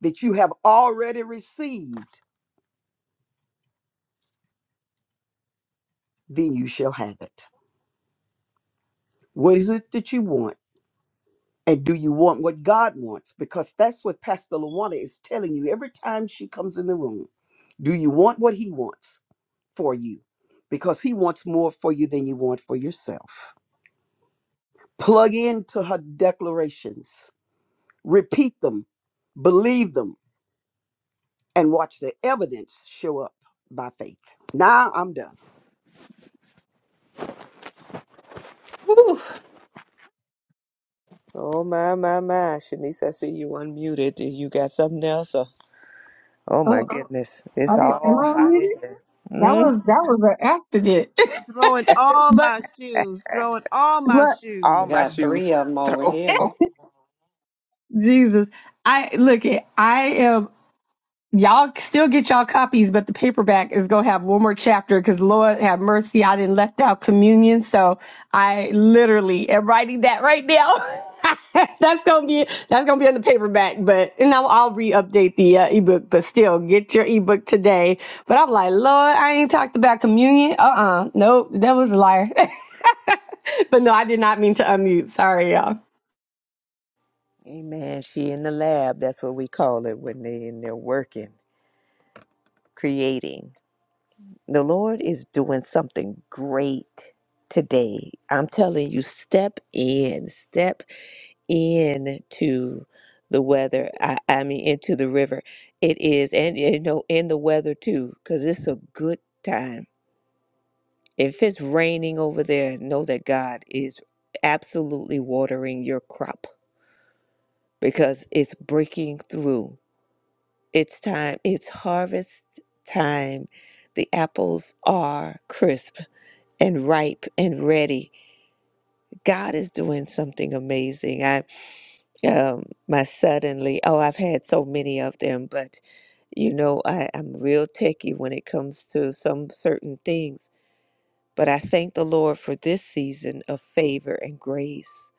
S6: that you have already received, then you shall have it. What is it that you want? And do you want what God wants? Because that's what Pastor Lawana is telling you every time she comes in the room. Do you want what he wants for you? Because he wants more for you than you want for yourself. Plug into her declarations, repeat them, believe them, and watch the evidence show up by faith. Now I'm done.
S4: Woo.
S1: Oh my my my, Shanice, I see you unmuted. you got something else? or? Oh my
S3: Oh,
S1: goodness.
S3: I
S1: It's
S3: didn't, am
S1: all
S3: I
S1: hot
S3: unmuted?
S1: in here.
S3: That
S1: Mm,
S3: was that was an accident.
S2: throwing all
S3: but
S2: my shoes, throwing all my
S3: look,
S4: I
S1: all my
S2: shoes.
S4: got
S1: shoes.
S4: three of them over here.
S3: Jesus, I look it. I am. Y'all still get y'all copies, but the paperback is gonna have one more chapter because Lord have mercy, I didn't left out communion. So I literally am writing that right now. that's gonna be that's gonna be on the paperback, but and I'll, I'll re-update the uh, ebook. But still, get your ebook today. But I'm like, Lord, I ain't talked about communion. Uh-uh, nope, that was a liar. but no, I did not mean to unmute. Sorry, y'all.
S1: Amen. She in the lab. That's what we call it when they in there working, creating. The Lord is doing something great today. I'm telling you, step in, step into the weather. I, I mean, into the river. It is, and you know, in the weather too, because it's a good time. If it's raining over there, know that God is absolutely watering your crop because it's breaking through. It's time, it's harvest time. The apples are crisp and ripe and ready. God is doing something amazing. I um my suddenly, oh, I've had so many of them, but you know, I, I'm real techie when it comes to some certain things But I thank the Lord for this season of favor and grace.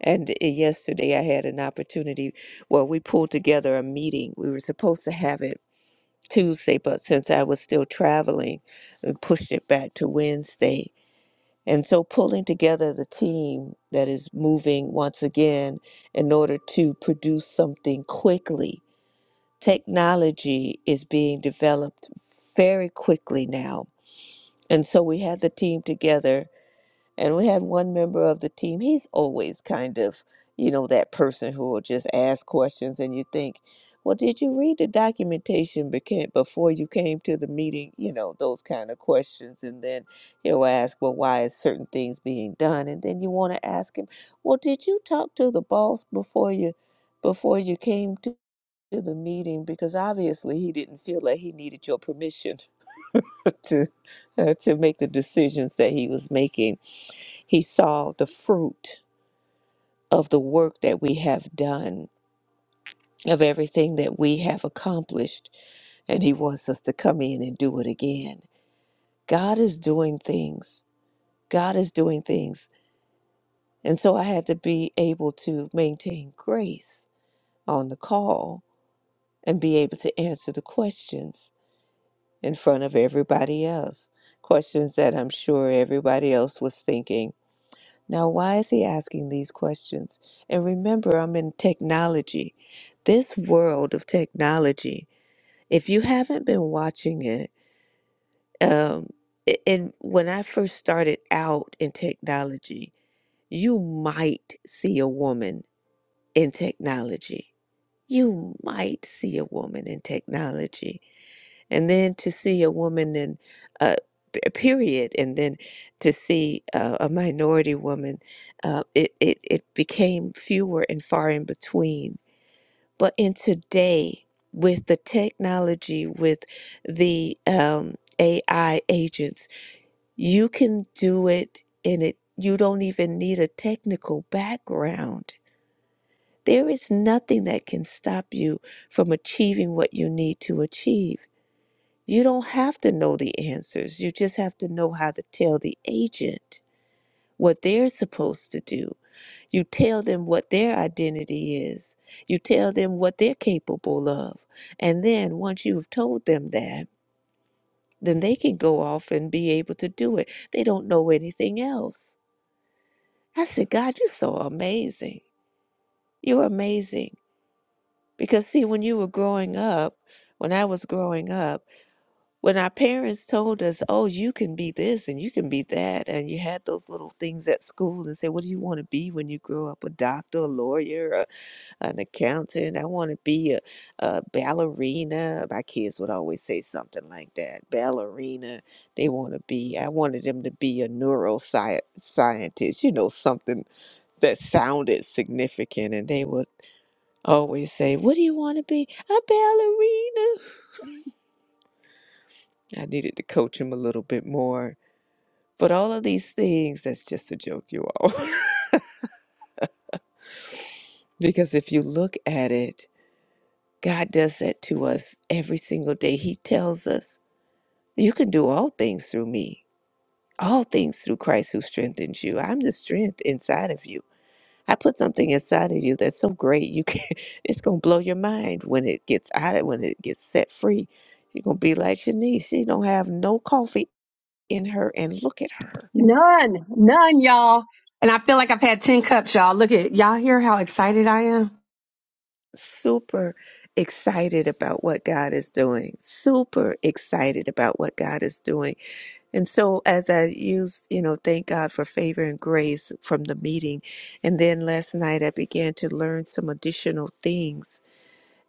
S1: And uh, yesterday I had an opportunity where we pulled together a meeting. We were supposed to have it Tuesday, but since I was still traveling, we pushed it back to Wednesday. And so pulling together the team that is moving once again in order to produce something quickly. Technology is being developed very quickly now. And so we had the team together And we had one member of the team, he's always kind of, you know, that person who will just ask questions and you think, well, did you read the documentation beca- before you came to the meeting? You know, those kind of questions. And then he'll ask, well, why is certain things being done? And then you want to ask him, well, did you talk to the boss before you before you came to to the meeting? Because obviously he didn't feel like he needed your permission to uh, to make the decisions that he was making. He saw the fruit of the work that we have done, of everything that we have accomplished, and he wants us to come in and do it again. God is doing things. God is doing things. And so I had to be able to maintain grace on the call and be able to answer the questions in front of everybody else. Questions that I'm sure everybody else was thinking Now, why is he asking these questions? And remember, I'm in technology. This world of technology, if you haven't been watching it, um, a- and when I first started out in technology, you might see a woman in technology. You might see a woman in technology and then to see a woman in uh, p- period and then to see uh, a minority woman uh, it, it, it became fewer and far in between but in today with the technology with the um, ai agents you can do it and it you don't even need a technical background there is nothing that can stop you from achieving what you need to achieve you don't have to know the answers. You just have to know how to tell the agent what they're supposed to do. You tell them what their identity is. You tell them what they're capable of. And then once you've told them that, then they can go off and be able to do it. They don't know anything else. I said, God, you're so amazing. You're amazing. Because, see, when you were growing up, when I was growing up, When our parents told us, oh, you can be this and you can be that, and you had those little things at school and said, what do you want to be when you grow up? A doctor, a lawyer, a, an accountant. I want to be a, a ballerina. My kids would always say something like that ballerina. They want to be, I wanted them to be a neurosci- scientist. you know, something that sounded significant. And they would always say, What do you want to be? A ballerina. I needed to coach him a little bit more But all of these things, that's just a joke, you all. because if you look at it, God does that to us every single day. He tells us, You can do all things through me, all things through Christ who strengthens you. I'm the strength inside of you. I put something inside of you that's so great you can it's gonna blow your mind when it gets out of when it gets set free. You're gonna be like Shanice, she don't have no coffee in her and look at her.
S3: None, none, y'all. And I feel like I've had 10 cups, y'all. Look at y'all hear how excited I am.
S1: super excited about what God is doing, super excited about what God is doing. And so, as I used, you know, thank God for favor and grace from the meeting. And then last night, I began to learn some additional things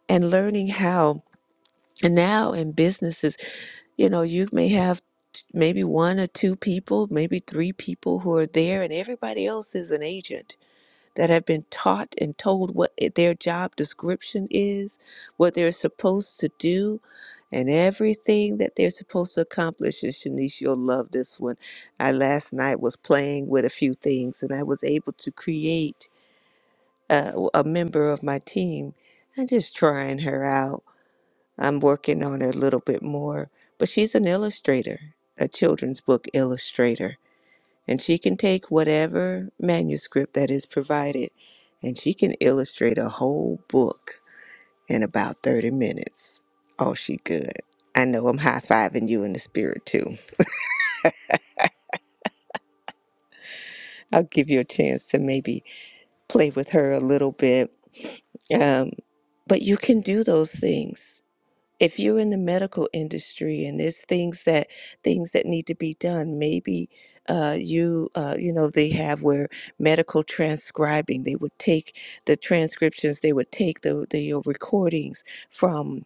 S1: and learning how, and now in businesses, you know, you may have t- maybe one or two people, maybe three people who are there, and everybody else is an agent that have been taught and told what i- their job description is, what they're supposed to do, and everything that they're supposed to accomplish. And Shanice, you'll love this one. I last night was playing with a few things, and I was able to create uh, w- a member of my team. I'm just trying her out. I'm working on her a little bit more, but she's an illustrator, a children's book illustrator and she can take whatever manuscript that is provided and she can illustrate a whole book in about 30 minutes. Oh, she good. I know I'm high fiving you in the spirit too. I'll give you a chance to maybe play with her a little bit. Um, but you can do those things. if you're in the medical industry and there's things that things that need to be done maybe uh, you uh, you know they have where medical transcribing they would take the transcriptions they would take the, the your recordings from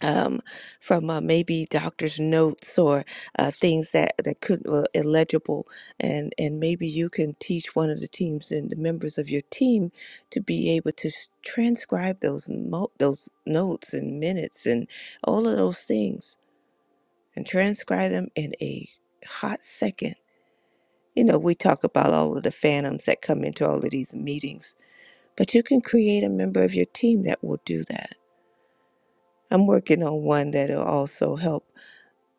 S1: um, from uh, maybe doctor's notes or uh, things that that could were illegible, and and maybe you can teach one of the teams and the members of your team to be able to s- transcribe those mo- those notes and minutes and all of those things and transcribe them in a hot second. You know, we talk about all of the phantoms that come into all of these meetings, but you can create a member of your team that will do that. I'm working on one that'll also help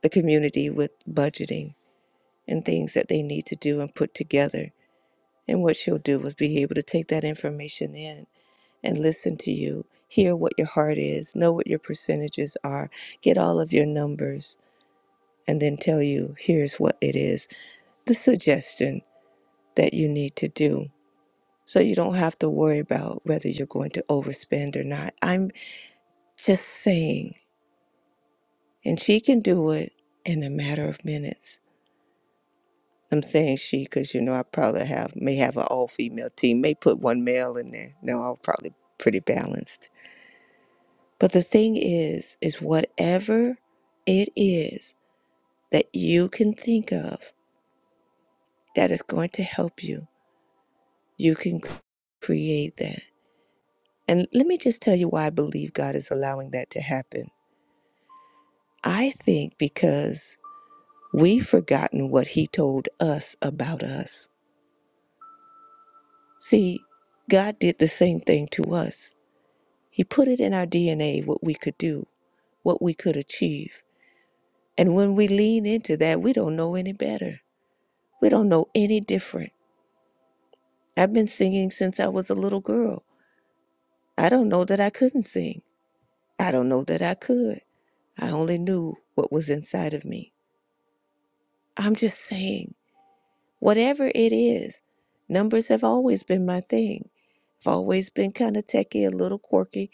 S1: the community with budgeting and things that they need to do and put together. And what she'll do is be able to take that information in and listen to you, hear what your heart is, know what your percentages are, get all of your numbers, and then tell you here's what it is the suggestion that you need to do. So you don't have to worry about whether you're going to overspend or not. I'm just saying, and she can do it in a matter of minutes I'm saying she because you know I probably have may have an all female team, may put one male in there. No, I'll probably pretty balanced. But the thing is, is whatever it is that you can think of that is going to help you, you can c- create that. And let me just tell you why I believe God is allowing that to happen. I think because we've forgotten what He told us about us. See, God did the same thing to us. He put it in our DNA what we could do, what we could achieve. And when we lean into that, we don't know any better. We don't know any different. I've been singing since I was a little girl. I don't know that I couldn't sing. I don't know that I could. I only knew what was inside of me. I'm just saying, whatever it is, numbers have always been my thing. I've always been kind of techie, a little quirky.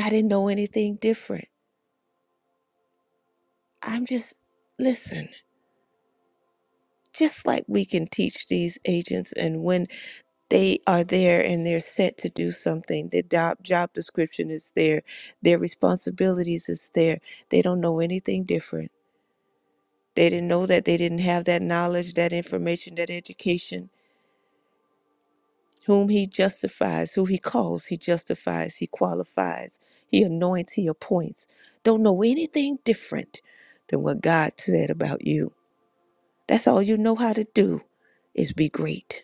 S1: I didn't know anything different. I'm just, listen. just like we can teach these agents and when they are there and they're set to do something their job, job description is there their responsibilities is there they don't know anything different they didn't know that they didn't have that knowledge that information that education whom he justifies who he calls he justifies he qualifies he anoints he appoints don't know anything different than what god said about you that's all you know how to do is be great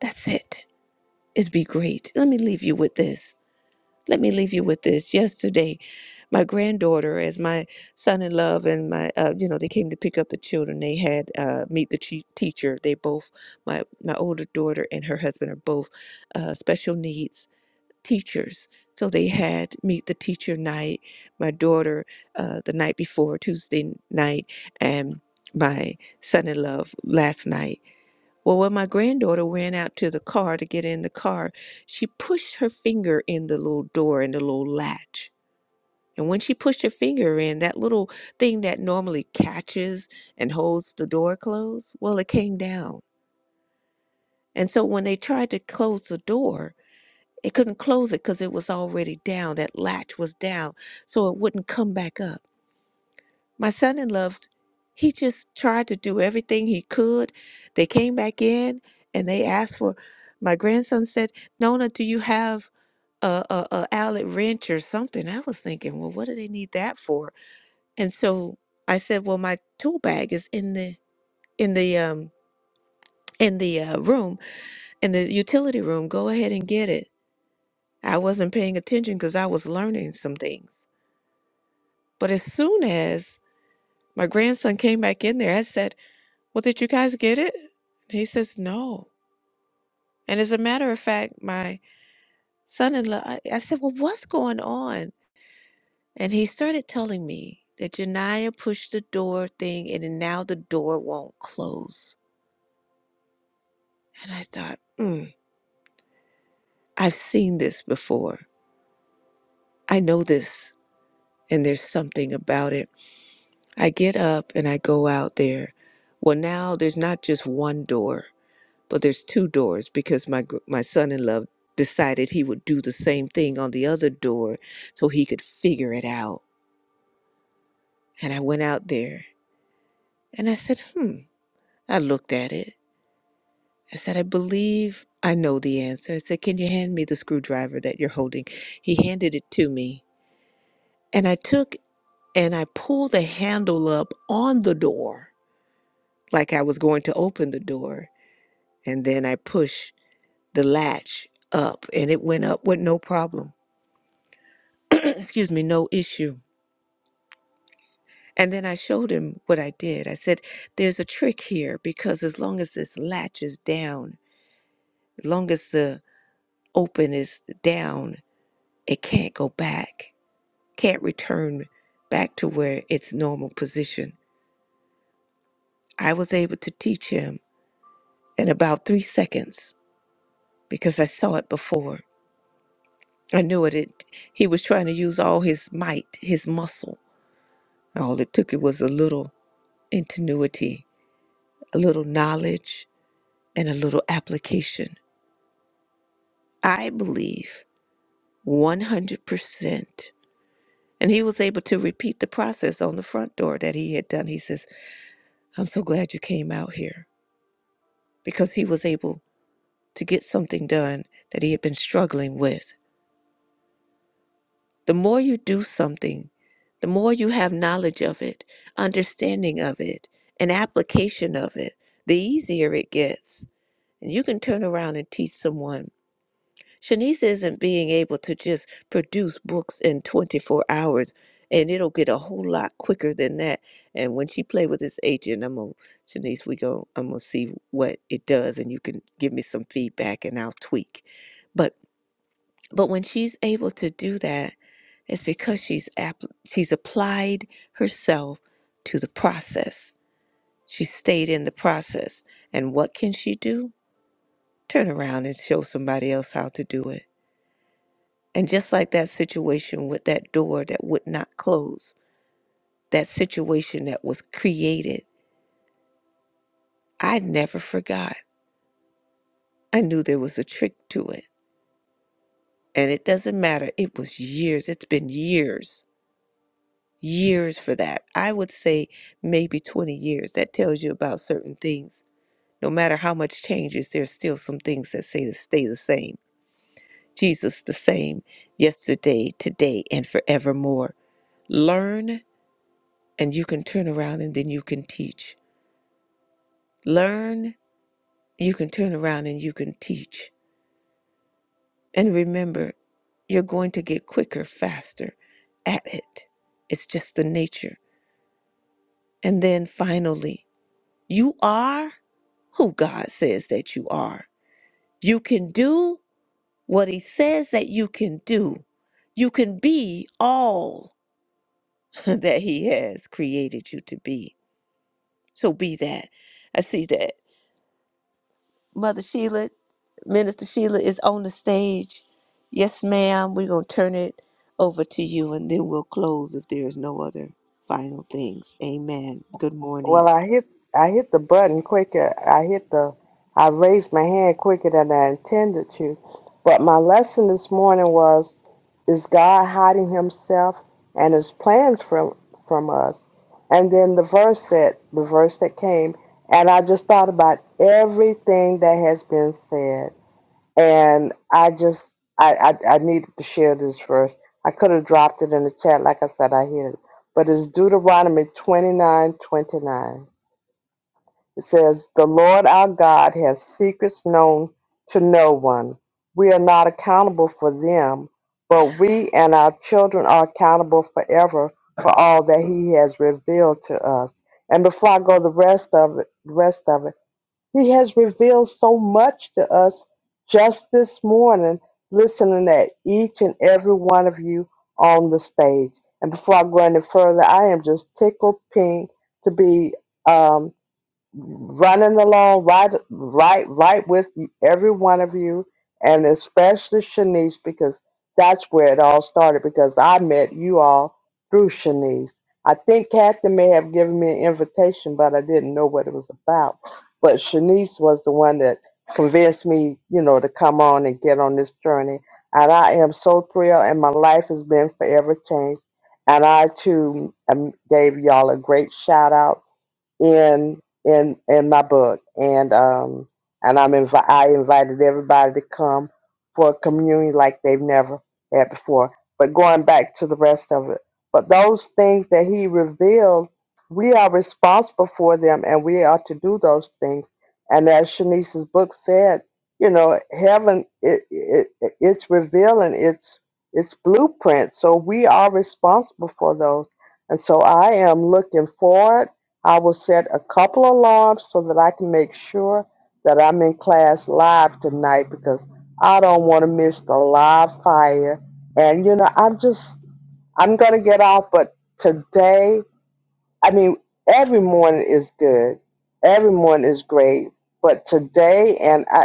S1: that's it is be great. Let me leave you with this. Let me leave you with this. Yesterday, my granddaughter, as my son-in-law and my, uh, you know, they came to pick up the children. They had uh, meet the chea- teacher. They both, my my older daughter and her husband are both uh, special needs teachers. So they had meet the teacher night. My daughter, uh, the night before Tuesday night, and my son-in-law last night well, when my granddaughter ran out to the car to get in the car, she pushed her finger in the little door and the little latch. And when she pushed her finger in, that little thing that normally catches and holds the door closed, well, it came down. And so when they tried to close the door, it couldn't close it because it was already down. That latch was down, so it wouldn't come back up. My son in law, he just tried to do everything he could. They came back in and they asked for, my grandson said, Nona, do you have a, a, a outlet wrench or something? I was thinking, well, what do they need that for? And so I said, well, my tool bag is in the, in the, um, in the uh, room, in the utility room, go ahead and get it. I wasn't paying attention because I was learning some things. But as soon as my grandson came back in there, I said, Well, did you guys get it? And he says, No. And as a matter of fact, my son in law, I, I said, Well, what's going on? And he started telling me that Janiyah pushed the door thing in, and now the door won't close. And I thought, mm, I've seen this before. I know this, and there's something about it. I get up and I go out there. Well, now there's not just one door. but there's two doors because my gr- my son-in-law decided he would do the same thing on the other door so he could figure it out and i went out there and i said hmm i looked at it i said i believe i know the answer i said can you hand me the screwdriver that you're holding he handed it to me and i took and i pulled the handle up on the door like i was going to open the door and then i pushed the latch up and it went up with no problem excuse me, no issue. And then I showed him what I did. I said, there's a trick here because as long as this latch is down, as long as the open is down, it can't go back, can't return back to where its normal position. I was able to teach him in about three seconds because I saw it before. I knew it. it he was trying to use all his might, his muscle. All it took it was a little ingenuity, a little knowledge, and a little application. I believe 100%. And he was able to repeat the process on the front door that he had done. He says, I'm so glad you came out here because he was able to get something done that he had been struggling with. The more you do something, the more you have knowledge of it, understanding of it, and application of it, the easier it gets. And you can turn around and teach someone Shanice isn't being able to just produce books in 24 hours, and it'll get a whole lot quicker than that. And when she play with this agent, I'm gonna Shanice, we go, I'm gonna see what it does, and you can give me some feedback, and I'll tweak. But but when she's able to do that, it's because she's app- she's applied herself to the process. She stayed in the process, and what can she do? Turn around and show somebody else how to do it And just like that situation with that door that would not close, that situation that was created, I never forgot. I knew there was a trick to it. And it doesn't matter. It was years. It's been years, years for that. I would say maybe 20 years. That tells you about certain things. No matter how much changes, there's still some things that say stay the same. Jesus the same yesterday, today, and forevermore. Learn and you can turn around and then you can teach Learn, you can turn around and you can teach. And remember, you're going to get quicker, faster at it. It's just the nature. And then finally, you are who God says that you are. You can do what He says that you can do. You can be all that He has created you to be. So be that. I see that Mother Sheila, Minister Sheila is on the stage. Yes, ma'am. We're going to turn it over to you and then we'll close if there is no other final things. Amen. Good
S7: Well,
S1: morning.
S7: I hit I hit the button quicker. I hit the I raised my hand quicker than I intended to. But my lesson this morning was is God hiding himself and his plans from from us. And then the verse said, the verse that came, and I just thought about everything that has been said. And I just I, I, I needed to share this verse. I could have dropped it in the chat, like I said, I hit it. But it's Deuteronomy twenty nine twenty nine. It says, The Lord our God has secrets known to no one. We are not accountable for them, but we and our children are accountable forever for all that He has revealed to us. And before I go the rest of it, rest of it, He has revealed so much to us just this morning, listening at each and every one of you on the stage. And before I go any further, I am just tickled pink to be. um, running along right right right with you- every one of you and especially Shanice because that's where it all started because I met you all through Shanice. I think Kathy may have given me an invitation but I didn't know what it was about. But Shanice was the one that convinced me, you know, to come on and get on this journey. And I am so thrilled and my life has been forever changed. And I too um, gave y'all a great shout out in in in my book, and um and I'm invi- I invited everybody to come for a communion like they've never had before. But going back to the rest of it, but those things that he revealed, we are responsible for them, and we are to do those things. And as Shanice's book said, you know, heaven it, it it- it's revealing its its blueprint, so we are responsible for those. And so I am looking forward I will set a couple alarms so that I can make sure that I'm in class live tonight because I don't want to miss the live fire. And you know, I'm just I'm gonna get off, but today, I mean, every morning is good, every morning is great, but today, and I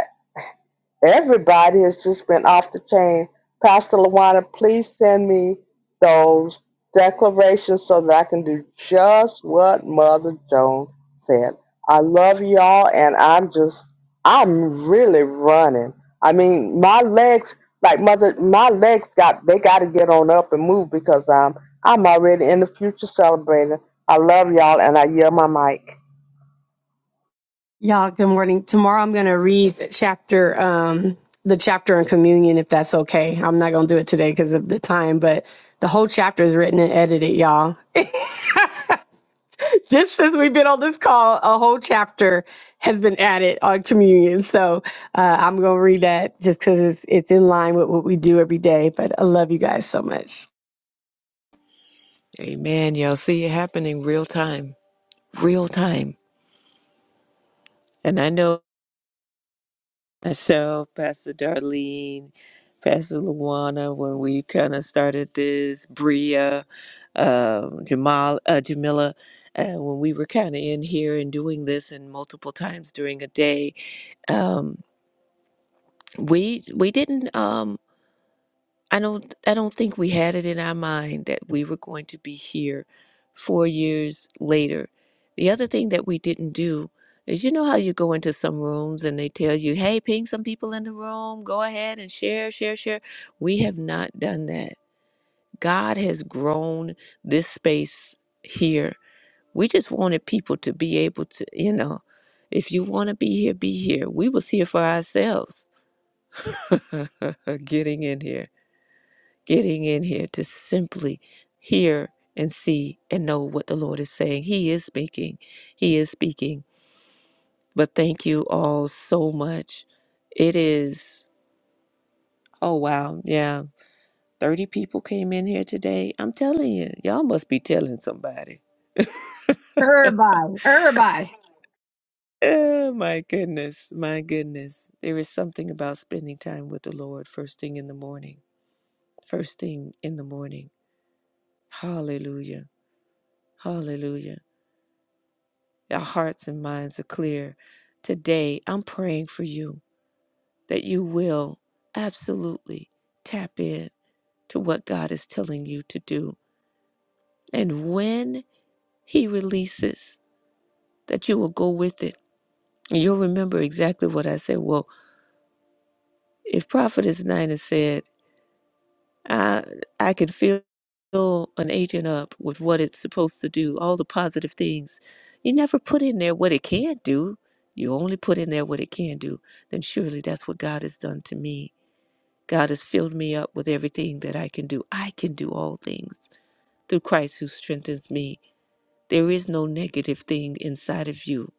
S7: Everybody has just been off the chain. Pastor Lawana, please send me those declarations so that I can do just what Mother Joan said. I love y'all, and I'm just, I'm really running. I mean, my legs, like Mother, my legs got, they got to get on up and move because I'm, I'm already in the future celebrating. I love y'all, and I yell my mic.
S3: Y'all, good morning. Tomorrow I'm going to read the chapter, um, the chapter on communion, if that's okay. I'm not going to do it today because of the time, but the whole chapter is written and edited, y'all. Just since we've been on this call, a whole chapter has been added on communion. So uh, I'm going to read that just because it's, it's in line with what we do every day. But I love you guys so much.
S1: Amen. Y'all see it happening real time, real time. And I know myself, Pastor Darlene, Pastor Luana, when we kind of started this, Bria, um, Jamal, uh, Jamila, uh, when we were kind of in here and doing this and multiple times during a day, um we we didn't um i don't i don't think we had it in our mind that we were going to be here four years later the other thing that we didn't do is you know how you go into some rooms and they tell you hey ping some people in the room go ahead and share share share we have not done that god has grown this space here we just wanted people to be able to you know if you want to be here be here we was here for ourselves getting in here, getting in here to simply hear and see and know what the Lord is saying. He is speaking. He is speaking. But thank you all so much. It is, oh, wow. Yeah. 30 people came in here today. I'm telling you, y'all must be telling somebody.
S3: Everybody, everybody.
S1: Oh, my goodness. My goodness. There is something about spending time with the Lord first thing in the morning. First thing in the morning. Hallelujah. Hallelujah. Our hearts and minds are clear. Today, I'm praying for you that you will absolutely tap in to what God is telling you to do. And when He releases, that you will go with it. And you'll remember exactly what I said. Well, if Prophetess Nina said, I I could feel an agent up with what it's supposed to do, all the positive things. You never put in there what it can't do. You only put in there what it can do. Then surely that's what God has done to me. God has filled me up with everything that I can do. I can do all things through Christ who strengthens me. There is no negative thing inside of you.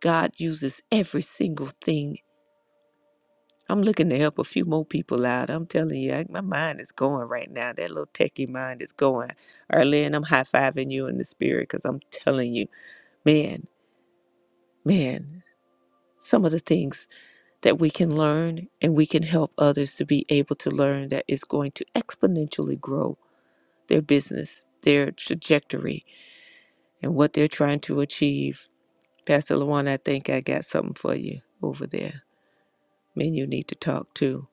S1: God uses every single thing I'm looking to help a few more people out. I'm telling you, I, my mind is going right now. That little techie mind is going. Arlene, I'm high fiving you in the spirit because I'm telling you, man, man, some of the things that we can learn and we can help others to be able to learn that is going to exponentially grow their business, their trajectory, and what they're trying to achieve. Pastor Lawan, I think I got something for you over there. Man, you need to talk too.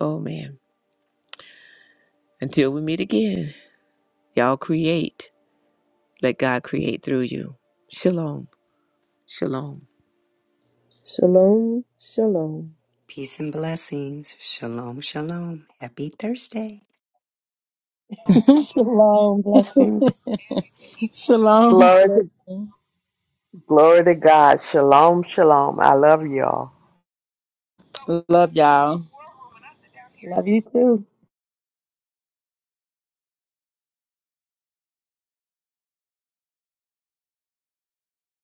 S1: Oh, man. Until we meet again. Y'all create. Let God create through you. Shalom. Shalom.
S2: Shalom, shalom.
S4: Peace and blessings. Shalom, shalom. Happy Thursday.
S3: Shalom, blessings.
S5: Shalom.
S7: Glory to,
S5: Blessing.
S7: glory to God. Shalom, shalom. I love y'all.
S5: Love y'all.
S3: Love you too.